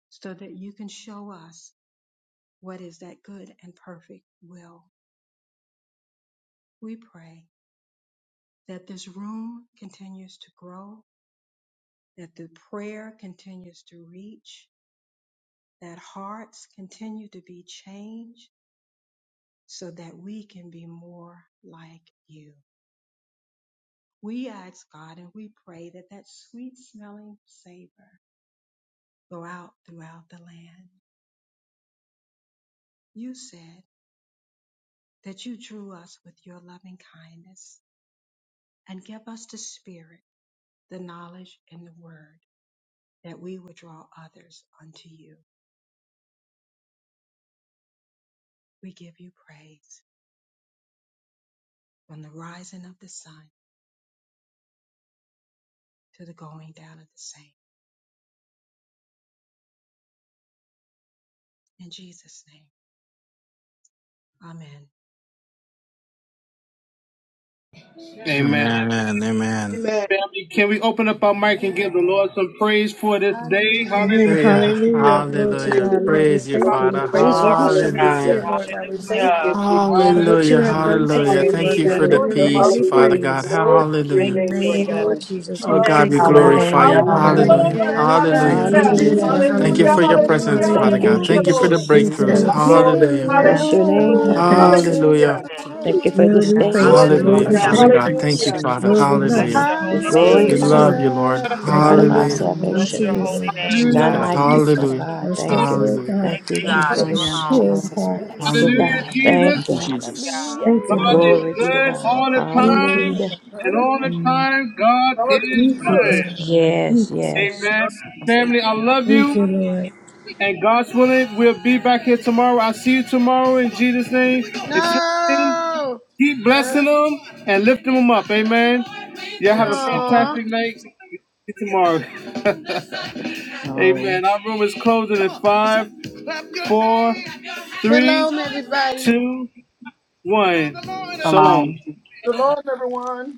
Speaker 11: so that you can show us what is that good and perfect will. We pray that this room continues to grow, that the prayer continues to reach, that hearts continue to be changed so that we can be more like you. We ask God and we pray that that sweet smelling savor go out throughout the land. You said that you drew us with your loving kindness and gave us the spirit, the knowledge, and the word that we would draw others unto you. We give you praise from the rising of the sun to the going down of the same. In Jesus' name, amen.
Speaker 1: Amen.
Speaker 4: Amen. Amen.
Speaker 7: Amen.
Speaker 1: Family, can we open up our mic and give the Lord some praise for this
Speaker 8: Hallelujah.
Speaker 1: day? Hallelujah.
Speaker 9: Amen.
Speaker 4: Hallelujah.
Speaker 9: Hallelujah. Glory to
Speaker 4: Hallelujah.
Speaker 9: God.
Speaker 7: Hallelujah.
Speaker 11: Hallelujah.
Speaker 9: Lord, we
Speaker 4: Praise you,
Speaker 9: thank you.
Speaker 7: Glory
Speaker 9: We
Speaker 4: Father.
Speaker 7: to
Speaker 9: praise
Speaker 7: God.
Speaker 9: you.
Speaker 5: Glory
Speaker 9: We
Speaker 5: to
Speaker 9: shall not
Speaker 5: God.
Speaker 9: see it,
Speaker 4: Hallelujah.
Speaker 7: Hallelujah.
Speaker 9: Lord God. We
Speaker 7: Thank
Speaker 9: thank
Speaker 7: you,
Speaker 9: you
Speaker 5: Hallelujah.
Speaker 11: Hallelujah.
Speaker 7: Jesus.
Speaker 9: for
Speaker 1: Hallelujah.
Speaker 9: what you
Speaker 4: Hallelujah.
Speaker 9: have done
Speaker 5: Thank
Speaker 4: Hallelujah.
Speaker 5: you,
Speaker 9: today,
Speaker 4: Thank
Speaker 9: Lord
Speaker 4: you
Speaker 7: Hallelujah,
Speaker 5: Jesus.
Speaker 9: God.
Speaker 4: for the
Speaker 9: May
Speaker 7: Lord.
Speaker 9: your
Speaker 2: Hallelujah.
Speaker 9: name
Speaker 4: peace,
Speaker 9: be
Speaker 2: Hallelujah.
Speaker 4: Father
Speaker 7: Hallelujah.
Speaker 4: God.
Speaker 9: praised.
Speaker 7: Glory
Speaker 2: Good,
Speaker 7: to your
Speaker 9: In
Speaker 5: Thank
Speaker 4: Hallelujah.
Speaker 9: the
Speaker 5: you,
Speaker 7: name,
Speaker 9: name
Speaker 7: Lord
Speaker 9: of the
Speaker 5: Jesus.
Speaker 7: God.
Speaker 9: Lord
Speaker 11: Thank you,
Speaker 9: Jesus,
Speaker 4: Oh
Speaker 9: we
Speaker 11: God.
Speaker 2: God.
Speaker 7: Thank
Speaker 4: God, we
Speaker 7: you,
Speaker 9: thank you, Lord
Speaker 7: Lord.
Speaker 4: glorify
Speaker 9: God.
Speaker 6: Hallelujah,
Speaker 4: you.
Speaker 7: Hallelujah,
Speaker 6: hallelujah.
Speaker 4: Hallelujah.
Speaker 9: Hallelujah.
Speaker 7: Lord.
Speaker 11: Yes,
Speaker 8: Magnify
Speaker 11: Lord.
Speaker 6: Thank
Speaker 4: Hallelujah.
Speaker 8: your
Speaker 6: you,
Speaker 7: Hallelujah.
Speaker 14: Hallelujah.
Speaker 9: Hallelujah.
Speaker 6: Jesus.
Speaker 11: Hallelujah.
Speaker 4: Thank
Speaker 8: name,
Speaker 4: you
Speaker 7: Hallelujah.
Speaker 4: for your
Speaker 9: Hallelujah.
Speaker 11: You're
Speaker 7: Hallelujah.
Speaker 4: presence,
Speaker 8: Jesus.
Speaker 11: the
Speaker 4: Father
Speaker 14: Thank you,
Speaker 4: God.
Speaker 11: Lord.
Speaker 9: Hallelujah.
Speaker 7: Hallelujah,
Speaker 4: Thank you
Speaker 6: Thank
Speaker 4: for
Speaker 6: you,
Speaker 4: the
Speaker 7: Lord.
Speaker 14: Jesus.
Speaker 9: Thank you,
Speaker 4: breakthroughs.
Speaker 6: Jesus.
Speaker 8: Thank
Speaker 9: Lord.
Speaker 8: you,
Speaker 7: Glory.
Speaker 4: Hallelujah.
Speaker 11: Thank
Speaker 7: Hallelujah,
Speaker 14: Bless
Speaker 6: Yes,
Speaker 14: your
Speaker 11: you,
Speaker 6: Lord.
Speaker 14: name,
Speaker 9: Lord,
Speaker 11: God.
Speaker 9: we
Speaker 7: Lord.
Speaker 8: Lord.
Speaker 14: God.
Speaker 9: praise you.
Speaker 8: Thank you,
Speaker 7: Hallelujah.
Speaker 4: Hallelujah.
Speaker 11: Yes,
Speaker 14: Thank you
Speaker 8: Lord.
Speaker 14: for
Speaker 9: Lord,
Speaker 11: Lord.
Speaker 14: this
Speaker 9: we
Speaker 14: day,
Speaker 6: yes,
Speaker 14: these
Speaker 7: Glory
Speaker 9: praise you.
Speaker 6: Lord.
Speaker 14: few
Speaker 7: to
Speaker 9: Lord,
Speaker 4: Hallelujah,
Speaker 9: we
Speaker 11: Thank
Speaker 7: God.
Speaker 5: Hallelujah.
Speaker 11: you,
Speaker 14: precious
Speaker 4: Father
Speaker 6: Hallelujah.
Speaker 9: thank
Speaker 11: God.
Speaker 4: God.
Speaker 9: you.
Speaker 6: Thank you,
Speaker 4: Thank
Speaker 7: Hallelujah.
Speaker 4: you,
Speaker 14: moments.
Speaker 4: Father.
Speaker 9: Lord,
Speaker 6: Jesus.
Speaker 9: we
Speaker 6: You're
Speaker 9: love
Speaker 5: Bless
Speaker 4: Hallelujah.
Speaker 9: you.
Speaker 5: your
Speaker 9: We
Speaker 14: We
Speaker 6: wonderful.
Speaker 5: holy
Speaker 9: must say
Speaker 5: name.
Speaker 4: We
Speaker 9: we
Speaker 14: glorify
Speaker 9: show
Speaker 4: love
Speaker 9: it
Speaker 14: you,
Speaker 4: you, Lord.
Speaker 8: Hallelujah.
Speaker 14: the
Speaker 9: by
Speaker 6: Thank
Speaker 14: God
Speaker 6: you,
Speaker 14: of our
Speaker 9: being
Speaker 11: Yes,
Speaker 4: Hallelujah.
Speaker 9: obedient
Speaker 6: God.
Speaker 5: Bless
Speaker 11: Lord.
Speaker 9: unto
Speaker 14: salvation.
Speaker 8: Jesus.
Speaker 5: your
Speaker 11: We
Speaker 9: you,
Speaker 11: love
Speaker 5: holy
Speaker 9: Lord
Speaker 11: you.
Speaker 9: God.
Speaker 5: name,
Speaker 4: Listen,
Speaker 6: Thank
Speaker 1: Hallelujah.
Speaker 4: look
Speaker 14: None
Speaker 4: at
Speaker 6: you,
Speaker 4: it.
Speaker 5: God.
Speaker 1: Lord,
Speaker 14: like
Speaker 1: we
Speaker 14: you, oh
Speaker 6: Jesus.
Speaker 1: thank
Speaker 11: Bless
Speaker 4: Hallelujah.
Speaker 11: your
Speaker 14: God.
Speaker 9: Bless
Speaker 11: holy
Speaker 1: you,
Speaker 14: Thank
Speaker 9: us,
Speaker 14: you.
Speaker 11: name,
Speaker 9: Lord
Speaker 4: Hallelujah.
Speaker 9: God.
Speaker 11: God.
Speaker 5: Thank
Speaker 14: Thank you,
Speaker 5: you,
Speaker 9: Bless
Speaker 1: Lord.
Speaker 5: God. You
Speaker 9: every
Speaker 6: Hallelujah,
Speaker 14: Jesus.
Speaker 5: alone.
Speaker 9: poor
Speaker 6: hallelujah.
Speaker 11: Thank
Speaker 9: heart.
Speaker 11: you,
Speaker 14: Thank you,
Speaker 11: God.
Speaker 4: Hallelujah.
Speaker 1: Hallelujah,
Speaker 14: God.
Speaker 1: Jesus.
Speaker 14: Thank
Speaker 4: Thank you,
Speaker 14: you.
Speaker 4: Jesus.
Speaker 5: God.
Speaker 9: Thank you,
Speaker 6: Thank
Speaker 1: God
Speaker 9: Lord.
Speaker 6: you,
Speaker 1: is
Speaker 11: Hallelujah,
Speaker 14: Glory be to
Speaker 1: good
Speaker 11: Jesus.
Speaker 6: Jesus.
Speaker 14: God.
Speaker 1: all the
Speaker 9: Thank
Speaker 1: time,
Speaker 9: you.
Speaker 14: Hallelujah.
Speaker 2: That
Speaker 1: and
Speaker 2: is
Speaker 1: all the
Speaker 11: Yes,
Speaker 6: Mm.
Speaker 1: time, God
Speaker 2: God is
Speaker 1: is
Speaker 9: Thank
Speaker 6: Love
Speaker 9: you,
Speaker 2: good.
Speaker 6: this
Speaker 9: God.
Speaker 1: good.
Speaker 6: prayer.
Speaker 9: Thank
Speaker 14: Yes,
Speaker 6: Yes,
Speaker 9: you.
Speaker 14: yes.
Speaker 11: yes.
Speaker 1: Amen.
Speaker 6: yes, yes,
Speaker 1: Family, I love
Speaker 9: Thank
Speaker 1: you.
Speaker 9: you, Lord.
Speaker 1: And God's willing, we'll be back here tomorrow. I'll see you tomorrow in Jesus' name. Until then,
Speaker 8: No!
Speaker 1: keep
Speaker 2: Amen.
Speaker 1: blessing them and lifting them up. Amen. Y'all have a
Speaker 11: Amen.
Speaker 6: Lord.
Speaker 8: Aw.
Speaker 1: fantastic night. See you tomorrow.
Speaker 6: Oh,
Speaker 1: Amen. Our room is closing in five, four, three,
Speaker 8: Shalom, everybody.
Speaker 1: two, one. Shalom.
Speaker 6: shalom.
Speaker 2: Shalom, everyone.